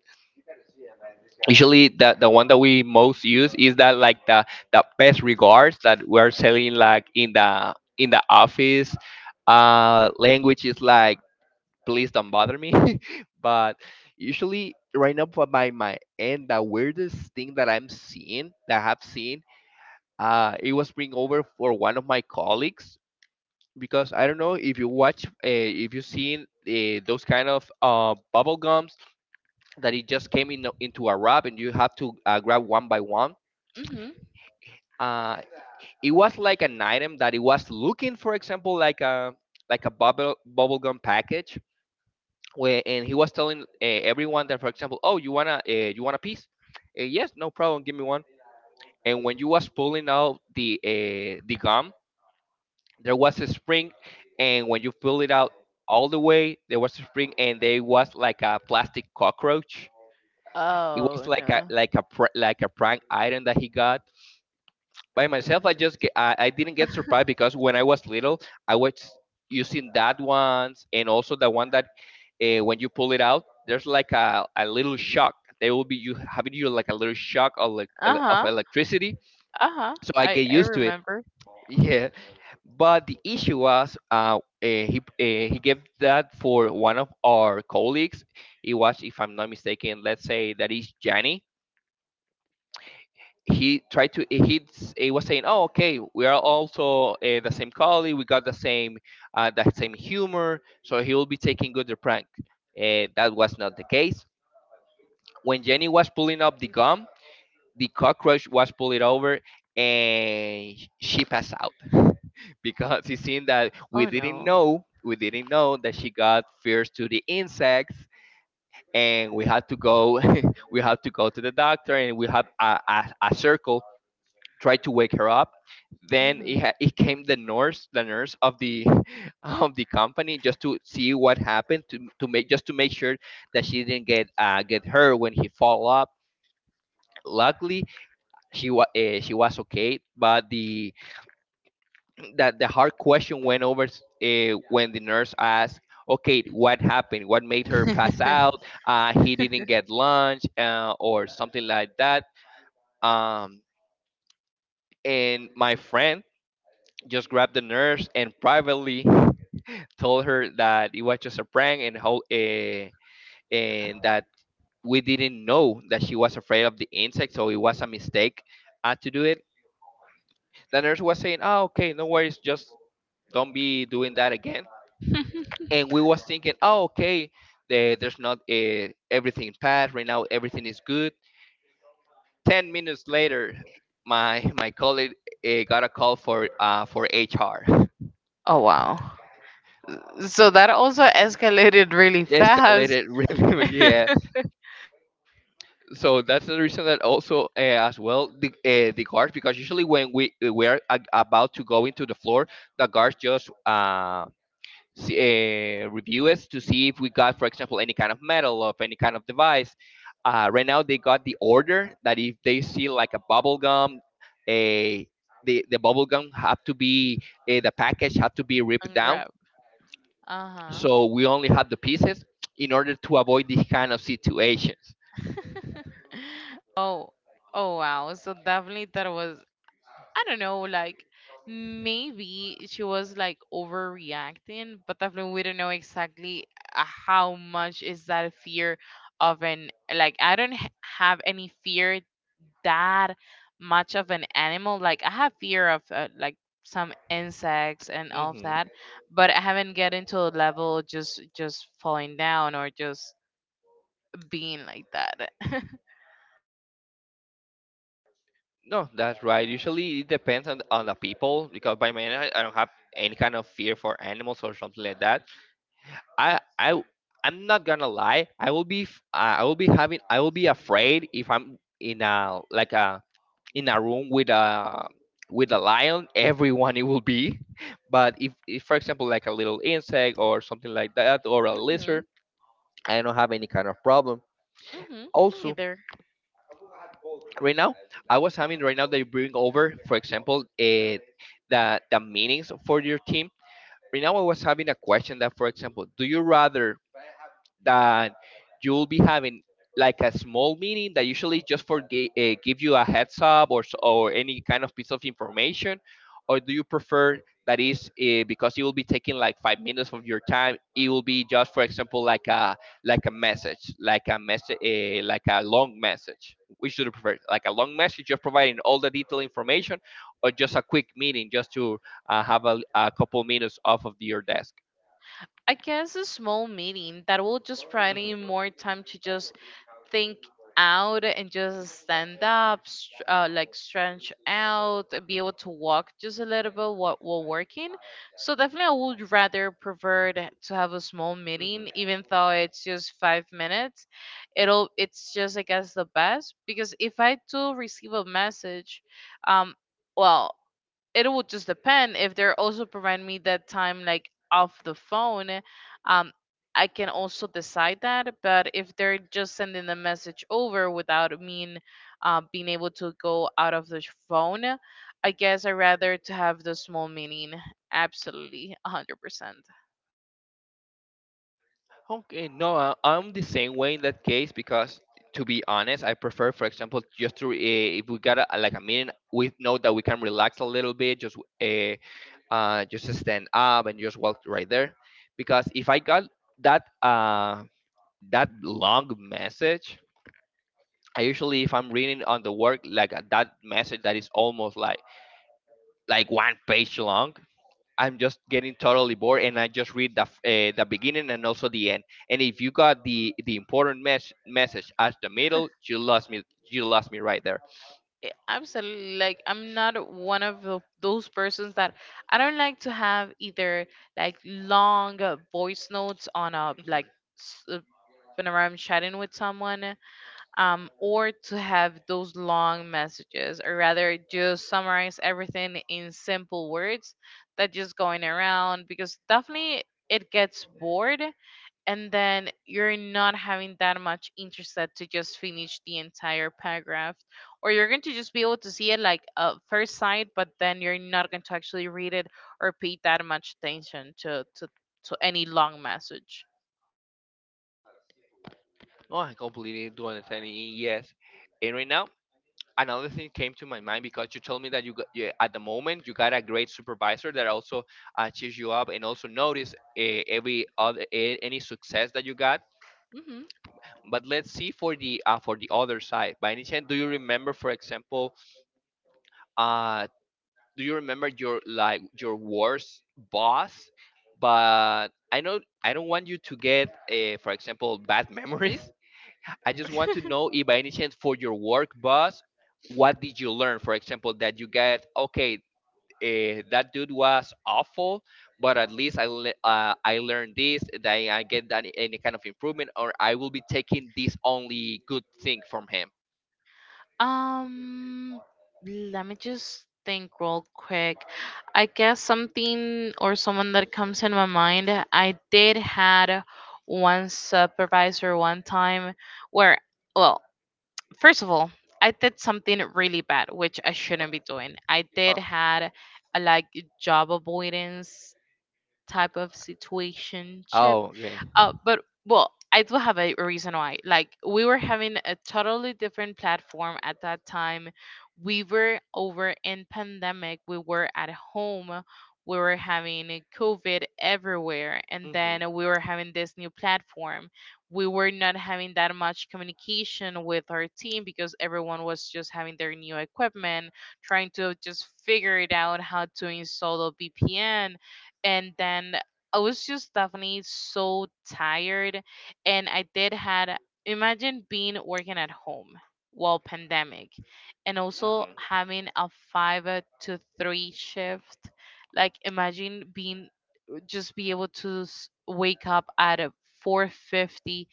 Speaker 1: usually the one that we most use is that like the best regards that we're selling like in the office language is like please don't bother me. But usually right now for by my end the weirdest thing that I'm seeing that I have seen it was bring over for one of my colleagues because I don't know if you watch if you've seen those kind of bubble gums that it just came in into a wrap, and you have to grab one by one.
Speaker 2: Mm-hmm.
Speaker 1: uh, it was like an item that it was looking, for example, like a like a bubblegum package, where and he was telling everyone that, for example, oh, you wanna you want a piece? Yes, no problem, give me one. And when you was pulling out the gum, there was a spring, and when you pull it out all the way, there was a spring, and there was like a plastic cockroach. It was
Speaker 2: Oh
Speaker 1: like a
Speaker 2: no.
Speaker 1: like a prank item that he got by myself. I just get, I didn't get surprised because when I was little, I was using that ones, and also the one that when you pull it out, there's like a little shock. There will be you having you like a little shock of,
Speaker 2: Uh
Speaker 1: of
Speaker 2: huh.
Speaker 1: electricity.
Speaker 2: Uh huh.
Speaker 1: So I get
Speaker 2: I
Speaker 1: used to it.
Speaker 2: remember.
Speaker 1: Yeah, but the issue was he gave that for one of our colleagues. It was, if I'm not mistaken, let's say that is Jani. He tried to he he was saying, oh okay, we are also the same colleague, we got the same that same humor, so he will be taking good the prank, that was not the case. When jenny was pulling up the gum, the cockroach was pulled over, and she passed out. Because it seemed that
Speaker 2: Oh no.
Speaker 1: we didn't know that she got fierce to the insects, and we had to go we had to go to the doctor, and we had a circle tried to wake her up. Then it,
Speaker 2: Hmm.
Speaker 1: it came the nurse of the of the company, just to see what happened, to make just to make sure that she didn't get her when he fall up. Luckily, she was okay, but the that the hard question went over when the nurse asked, "Okay, what happened? What made her pass out? He didn't get lunch or something like that." Um, and my friend just grabbed the nurse and privately told her that it was just a prank and how and that we didn't know that she was afraid of the insect, so it was a mistake to do it. The nurse was saying, "Oh, okay, no worries, just don't be doing that again." And we was thinking, "Oh, okay, the, there's not everything bad right now. Everything is good." 10 minutes later, my colleague got a call for HR.
Speaker 2: Oh wow. So that also escalated really
Speaker 1: Yes,
Speaker 2: fast.
Speaker 1: escalated really, yeah.
Speaker 2: And
Speaker 1: So that's the reason that also as well the guards, because usually when we are about to go into the floor, the guards just see, review us to see if we got, for example, any kind of metal or any kind of device. Right now they got the order that if they see like a bubble gum, a the bubble gum have to be the package have to be ripped down,
Speaker 2: grab. Uh huh.
Speaker 1: so we only have the pieces in order to avoid these kind of situations.
Speaker 2: Oh, oh wow. So definitely that was, I don't know, like maybe she was like overreacting, but definitely we don't know exactly how much is that fear of an like I don't h- have any fear that much of an animal. Like I have fear of like some insects and all of that, but I haven't get into a level just falling down or just being like that.
Speaker 1: No, that's right. Usually it depends on the people because by man I don't have any kind of fear for animals or something like that. I I'm not gonna lie. I will be I will be having I will be afraid if I'm in a like a in a room with a lion. Everyone it will be. But if for example like a little insect or something like that or a
Speaker 2: Mhm.
Speaker 1: lizard, I don't have any kind of problem.
Speaker 2: Mm-hmm. Me
Speaker 1: Also
Speaker 2: either.
Speaker 1: right now they bring over, for example, the meanings for your team. Right now I was having a question that, for example, do you rather that you will be having like a small meeting that usually just for give you a heads up or or any kind of piece of information? Or do you prefer that is because it will be taking like 5 minutes of your time, it will be just, for example, like a like a message, like a long message? Which do you prefer, like a long message just providing all the detailed information, or just a quick meeting just to have a couple minutes off of your desk?
Speaker 2: I guess a small meeting that will just provide
Speaker 1: Mhm.
Speaker 2: me more time to just think out and just stand up, like stretch out, and be able to walk just a little bit while working. So definitely, I would rather prefer to have a small
Speaker 1: Mhm.
Speaker 2: meeting, even though it's just 5 minutes. It'll it's just I guess the best because if I do receive a message, um, well, it will just depend if they're also providing me that time like off the phone. um I can also decide that, but if they're just sending the message over without me being able to go out of the phone, I guess I rather to have the small meeting, absolutely 100%.
Speaker 1: Okay, no, I'm the same way in that case, because to be honest, I prefer, for example, just to if we got a, like a meeting, we know that we can relax a little bit, just stand up and just walk right there, because if I got that uh that long message, I usually if I'm reading on the work like that message that is almost like one page long, I'm just getting totally bored, and I just read the the beginning and also the end. And if you got the important message at the middle, you lost me. You lost me right there.
Speaker 2: Absolutely, like I'm not one of those persons that I don't like to have either like long voice notes on a
Speaker 1: Hmm.
Speaker 2: like s- uh, whenever I'm chatting with someone, or to have those long messages, or rather just summarize everything in simple words that just going around, because definitely it gets bored and then you're not having that much interest that to just finish the entire paragraph, or you're going to just be able to see it like first sight, but then you're not going to actually read it or pay that much attention to any long message.
Speaker 1: Oh, I completely do understand. Yes, and right now another thing came to my mind, because you told me that you got, yeah, at the moment you got a great supervisor that also cheers you up and also notice every other any success that you got.
Speaker 2: Hmm.
Speaker 1: But let's see for the other side. By any chance, do you remember, for example? uh do you remember your like your worst boss? But I know I don't want you to get for example bad memories. I just want to know if by any chance for your work boss what did you learn, for example, that you get okay, that dude was awful, but at least I learned this, that I get that any kind of improvement, or I will be taking this only good thing from him.
Speaker 2: um Let me just think real quick. I guess something or someone that comes in my mind, I did had one supervisor one time where, well, first of all, I did something really bad, which I shouldn't be doing. I did
Speaker 1: Oh,
Speaker 2: had a like job avoidance type of situation chip.
Speaker 1: oh okay.
Speaker 2: But well, I do have a reason why. Like we were having a totally different platform at that time. We were over in pandemic, we were at home, we were having a COVID everywhere, and
Speaker 1: Hmm.
Speaker 2: then we were having this new platform. We were not having that much communication with our team because everyone was just having their new equipment, trying to just figure it out how to install a VPN. And then I was just definitely so tired, and I did had, imagine being working at home while pandemic, and also
Speaker 1: Hmm.
Speaker 2: having a 5 to 3 shift. Like imagine being just be able to wake up at a 4:50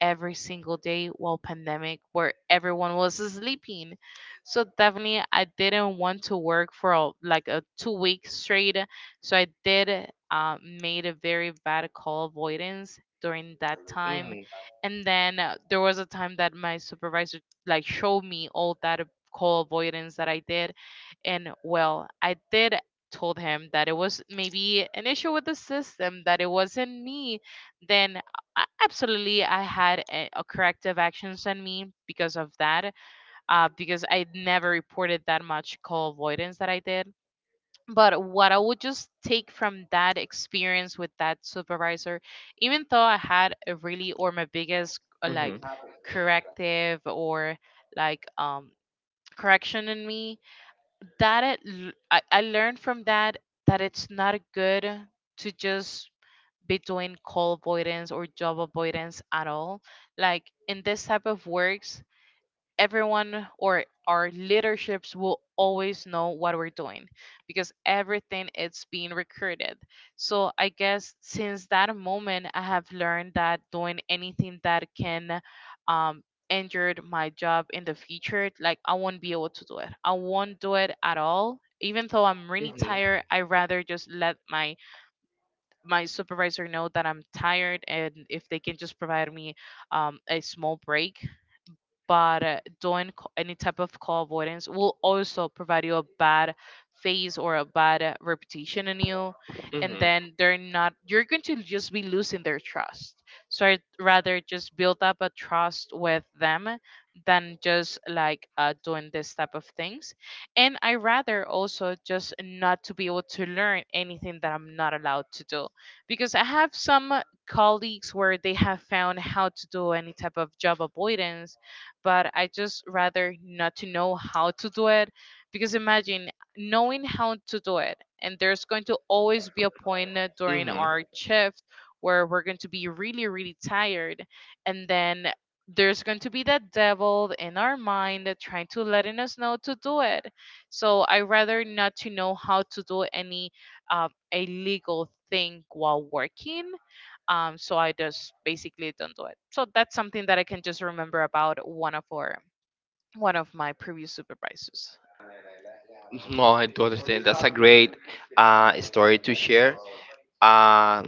Speaker 2: every single day while pandemic where everyone was sleeping. So definitely I didn't want to work for like a 2 weeks straight. So I did made a very bad call avoidance during that time.
Speaker 1: Hmm.
Speaker 2: And then there was a time that my supervisor like showed me all that call avoidance that I did. And well, I did told him that it was maybe an issue with the system, that it wasn't me. Then absolutely I had a corrective actions on me because of that, because I never reported that much call avoidance that I did. But what I would just take from that experience with that supervisor, even though I had a really or my biggest like
Speaker 1: Hmm.
Speaker 2: corrective or like correction in me, that it, I learned from that that it's not good to just be doing call avoidance or job avoidance at all, like in this type of works everyone or our leaderships will always know what we're doing because everything is being recorded. So I guess since that moment, I have learned that doing anything that can um, injure my job in the future, like I won't be able to do it. I won't do it at all. Even though I'm really
Speaker 1: Mm-hmm.
Speaker 2: tired, I rather just let my supervisor know that I'm tired, and if they can just provide me a small break. But doing any type of call avoidance will also provide you a bad face or a bad reputation in you, and then
Speaker 1: Mm-hmm.
Speaker 2: they're not you're going to just be losing their trust. So I'd rather just build up a trust with them than just like doing this type of things. And I rather also just not to be able to learn anything that I'm not allowed to do, because I have some colleagues where they have found how to do any type of job avoidance, but I just rather not to know how to do it. Because imagine knowing how to do it, and there's going to always be a point during
Speaker 1: Mm-hmm.
Speaker 2: our shift where we're going to be really really tired, and then there's going to be that devil in our mind that trying to letting us know to do it. So I rather not to know how to do any a legal thing while working. So I just basically don't do it. So that's something that I can just remember about one of my previous supervisors.
Speaker 1: No, I do understand. That's a great story to share. Uh,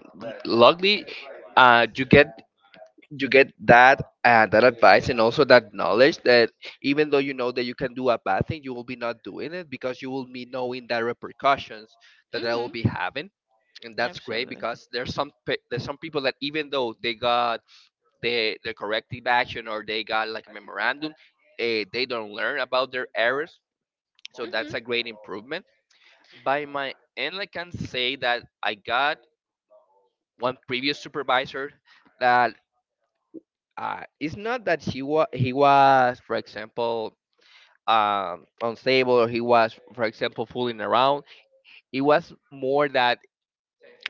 Speaker 1: Luckily, uh, you get you get that that advice and also that knowledge that even though you know that you can do a bad thing, you will be not doing it, because you will be knowing the repercussions that I
Speaker 2: Mm-hmm.
Speaker 1: will be having. And that's great,
Speaker 2: Absolutely.
Speaker 1: because there's some there's some people that even though they got the corrective action, or they got like a memorandum, they don't learn about their errors. So
Speaker 2: Mm-hmm.
Speaker 1: that's a great improvement. By my end, I can say that I got one previous supervisor that it's not that he was, for example, unstable, or he was, for example, fooling around. It was more that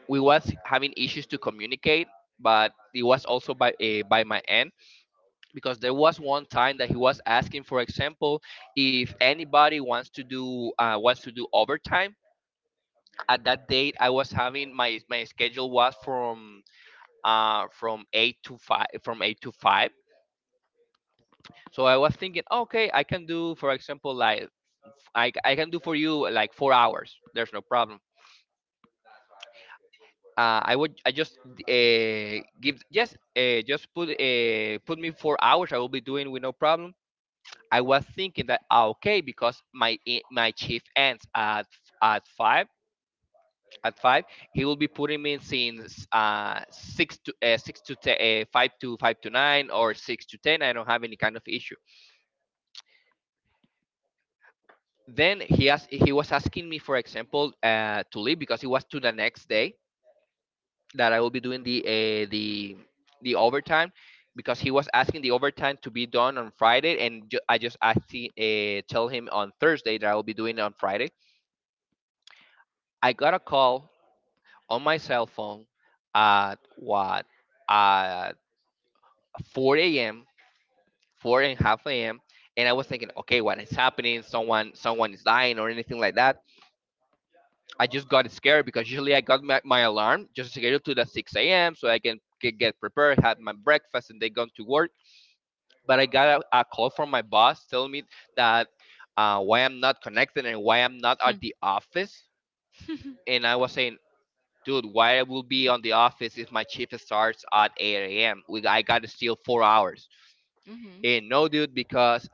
Speaker 1: we was having issues to communicate, but it was also by my end, because there was one time that he was asking, for example, if anybody wants to do overtime. At that date I was having my schedule was from 8 to 5, from 8 to 5. So I was thinking, okay, I can do for example like I can do for you like 4 hours, there's no problem. I would I just give just put put me 4 hours, I will be doing with no problem. I was thinking that ah, okay, because my my shift ends at 5, at five, he will be putting me since five to nine, or six to ten. I don't have any kind of issue. Then he asked, he was asking me, for example, to leave because it was to the next day that I will be doing the the overtime, because he was asking the overtime to be done on Friday, and I just asked him, tell him on Thursday that I will be doing it on Friday. I got a call on my cell phone at what at 4 a.m. four and a half a.m. And I was thinking, okay, what is happening? Someone, someone is dying or anything like that. I just got scared because usually I got my alarm just scheduled to the 6 a.m. so I can get prepared, have my breakfast, and then go to work. But I got a call from my boss telling me that why I'm not connected and why I'm not at the office. And I was saying, dude, why I will be on the office if my shift starts at 8 a.m. We I got to steal 4 hours.
Speaker 2: Mm-hmm.
Speaker 1: And no, dude, because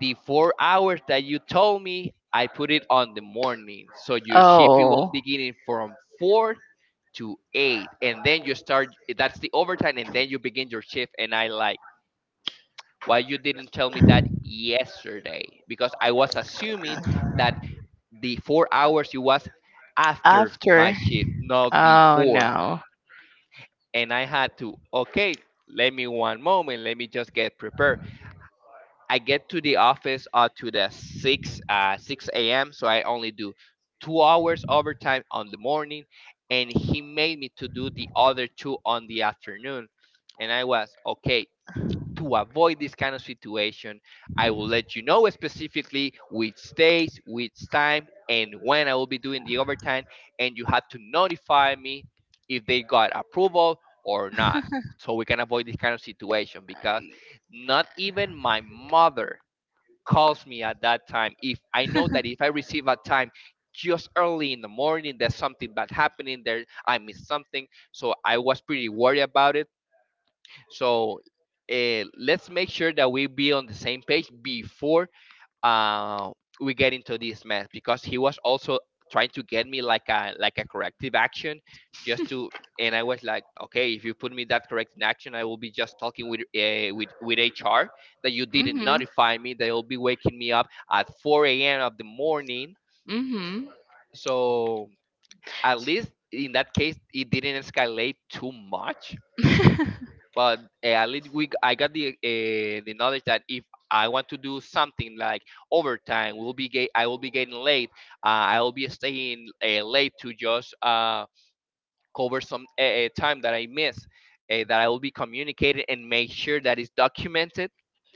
Speaker 1: the 4 hours that you told me, I put it on the morning. So your shift it will
Speaker 2: Oh.
Speaker 1: beginning from four to eight, and then you start. That's the overtime, and then you begin your shift. And I like, why you didn't tell me that yesterday because I was assuming that the 4 hours it was after my
Speaker 2: After.
Speaker 1: shift, not
Speaker 2: Oh
Speaker 1: before.
Speaker 2: no.
Speaker 1: And I had to, okay, let me one moment. Let me just get prepared. I get to the office to the six six a.m. So I only do 2 hours overtime on the morning, and he made me to do the other two on the afternoon, and I was okay, to avoid this kind of situation, I will let you know specifically which days, which time, and when I will be doing the overtime. And you have to notify me if they got approval or not. So we can avoid this kind of situation because not even my mother calls me at that time. If I know that if I receive a time just early in the morning, there's something bad happening there, I miss something. So I was pretty worried about it, so let's make sure that we be on the same page before uh, we get into this mess because he was also trying to get me like a corrective action just to, and I was like, okay, if you put me that corrective action, I will be just talking with HR that you didn't
Speaker 2: Mm-hmm.
Speaker 1: notify me. They will be waking me up at 4 a.m. of the morning.
Speaker 2: Mm-hmm.
Speaker 1: So at least in that case, it didn't escalate too much but at least we I got the knowledge that if I want to do something like overtime, I will be getting late. I will be staying late to just cover some time that I miss. That I will be communicated and make sure that is documented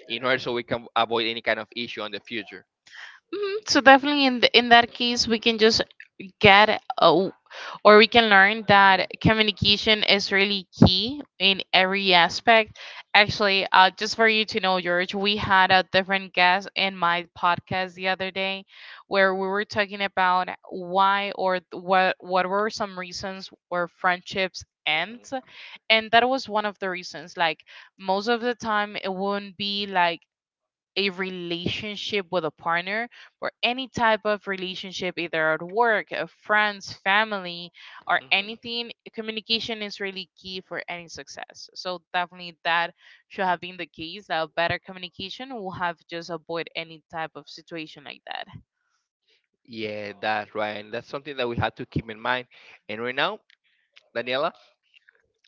Speaker 1: in order so we can avoid any kind of issue in the future.
Speaker 2: Mhm. So definitely in th in that case, we can just get a, or we can learn that
Speaker 1: hmm
Speaker 2: communication is really key in every aspect. Actually, just for you to know, George, we had a different guest in my podcast the other day where we were talking about why or what were some reasons where friendships end,
Speaker 1: hmm
Speaker 2: and that was one of the reasons. Like most of the time it wouldn't be like a relationship with a partner or any type of relationship, either at work, friends, family, or
Speaker 1: hmm
Speaker 2: anything, communication is really key for any success. So definitely that should have been the case. That better communication will have just avoid any type of situation like that.
Speaker 1: Yeah, that's right. And that's something that we have to keep in mind. And right now, Daniela,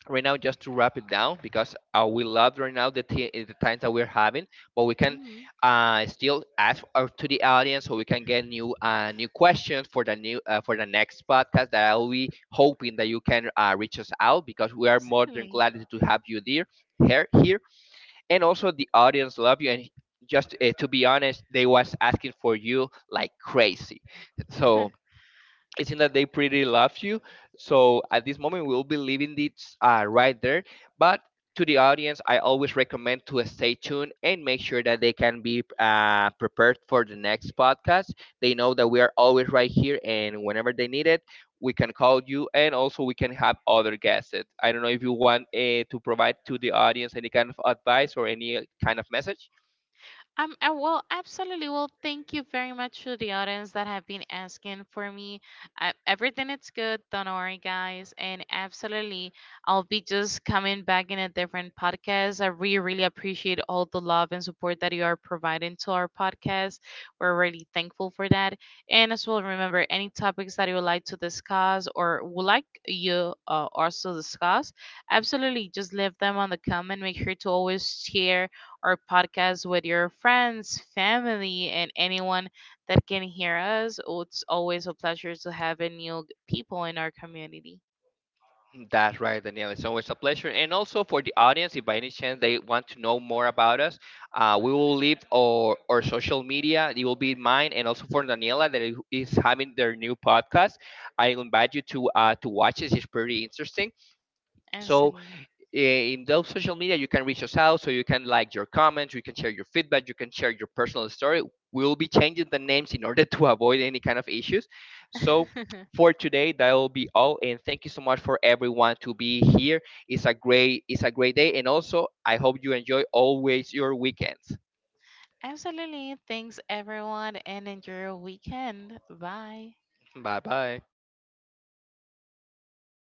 Speaker 1: right now just to wrap it down because we love right now the times that we're having, but we can
Speaker 2: Mm-hmm.
Speaker 1: still ask our, to the audience so we can get new new questions for the new for the next podcast, that I'll be hoping that you can reach us out because we are more than
Speaker 2: Exactly.
Speaker 1: glad to have you there. Here here And also the audience love you, and just to be honest they was asking for you like crazy, so it seems that they pretty love you. So at this moment, we'll be leaving this right there. But to the audience, I always recommend to stay tuned and make sure that they can be prepared for the next podcast. They know that we are always right here, and whenever they need it, we can call you, and also we can have other guests. I don't know if you want to provide to the audience any kind of advice or any kind of message.
Speaker 2: Well, absolutely. Well, thank you very much to the audience that have been asking for me. Everything is good. Don't worry, guys. And absolutely, I'll be just coming back in a different podcast. I really, really appreciate all the love and support that you are providing to our podcast. We're really thankful for that. And as well, remember, any topics that you would like to discuss or would like you also discuss, absolutely just leave them on the comment. Make sure to always share our podcast with your friends, family, and anyone that can hear us. Oh, it's always a pleasure to have new people in our community.
Speaker 1: That's right, Danielle. It's always a pleasure. And also for the audience, if by any chance they want to know more about us, we will leave our social media. It will be mine and also for Daniela that is having their new podcast. I invite you to watch it. It's pretty interesting. So
Speaker 2: Absolutely.
Speaker 1: in those social media you can reach us out, so you can like your comments, you can share your feedback, you can share your personal story. We'll be changing the names in order to avoid any kind of issues. So for today that will be all, and thank you so much for everyone to be here. It's a great, it's a great day, and also I hope you enjoy always your weekends.
Speaker 2: Absolutely. Thanks, everyone, and enjoy your weekend. Bye.
Speaker 1: Bye bye.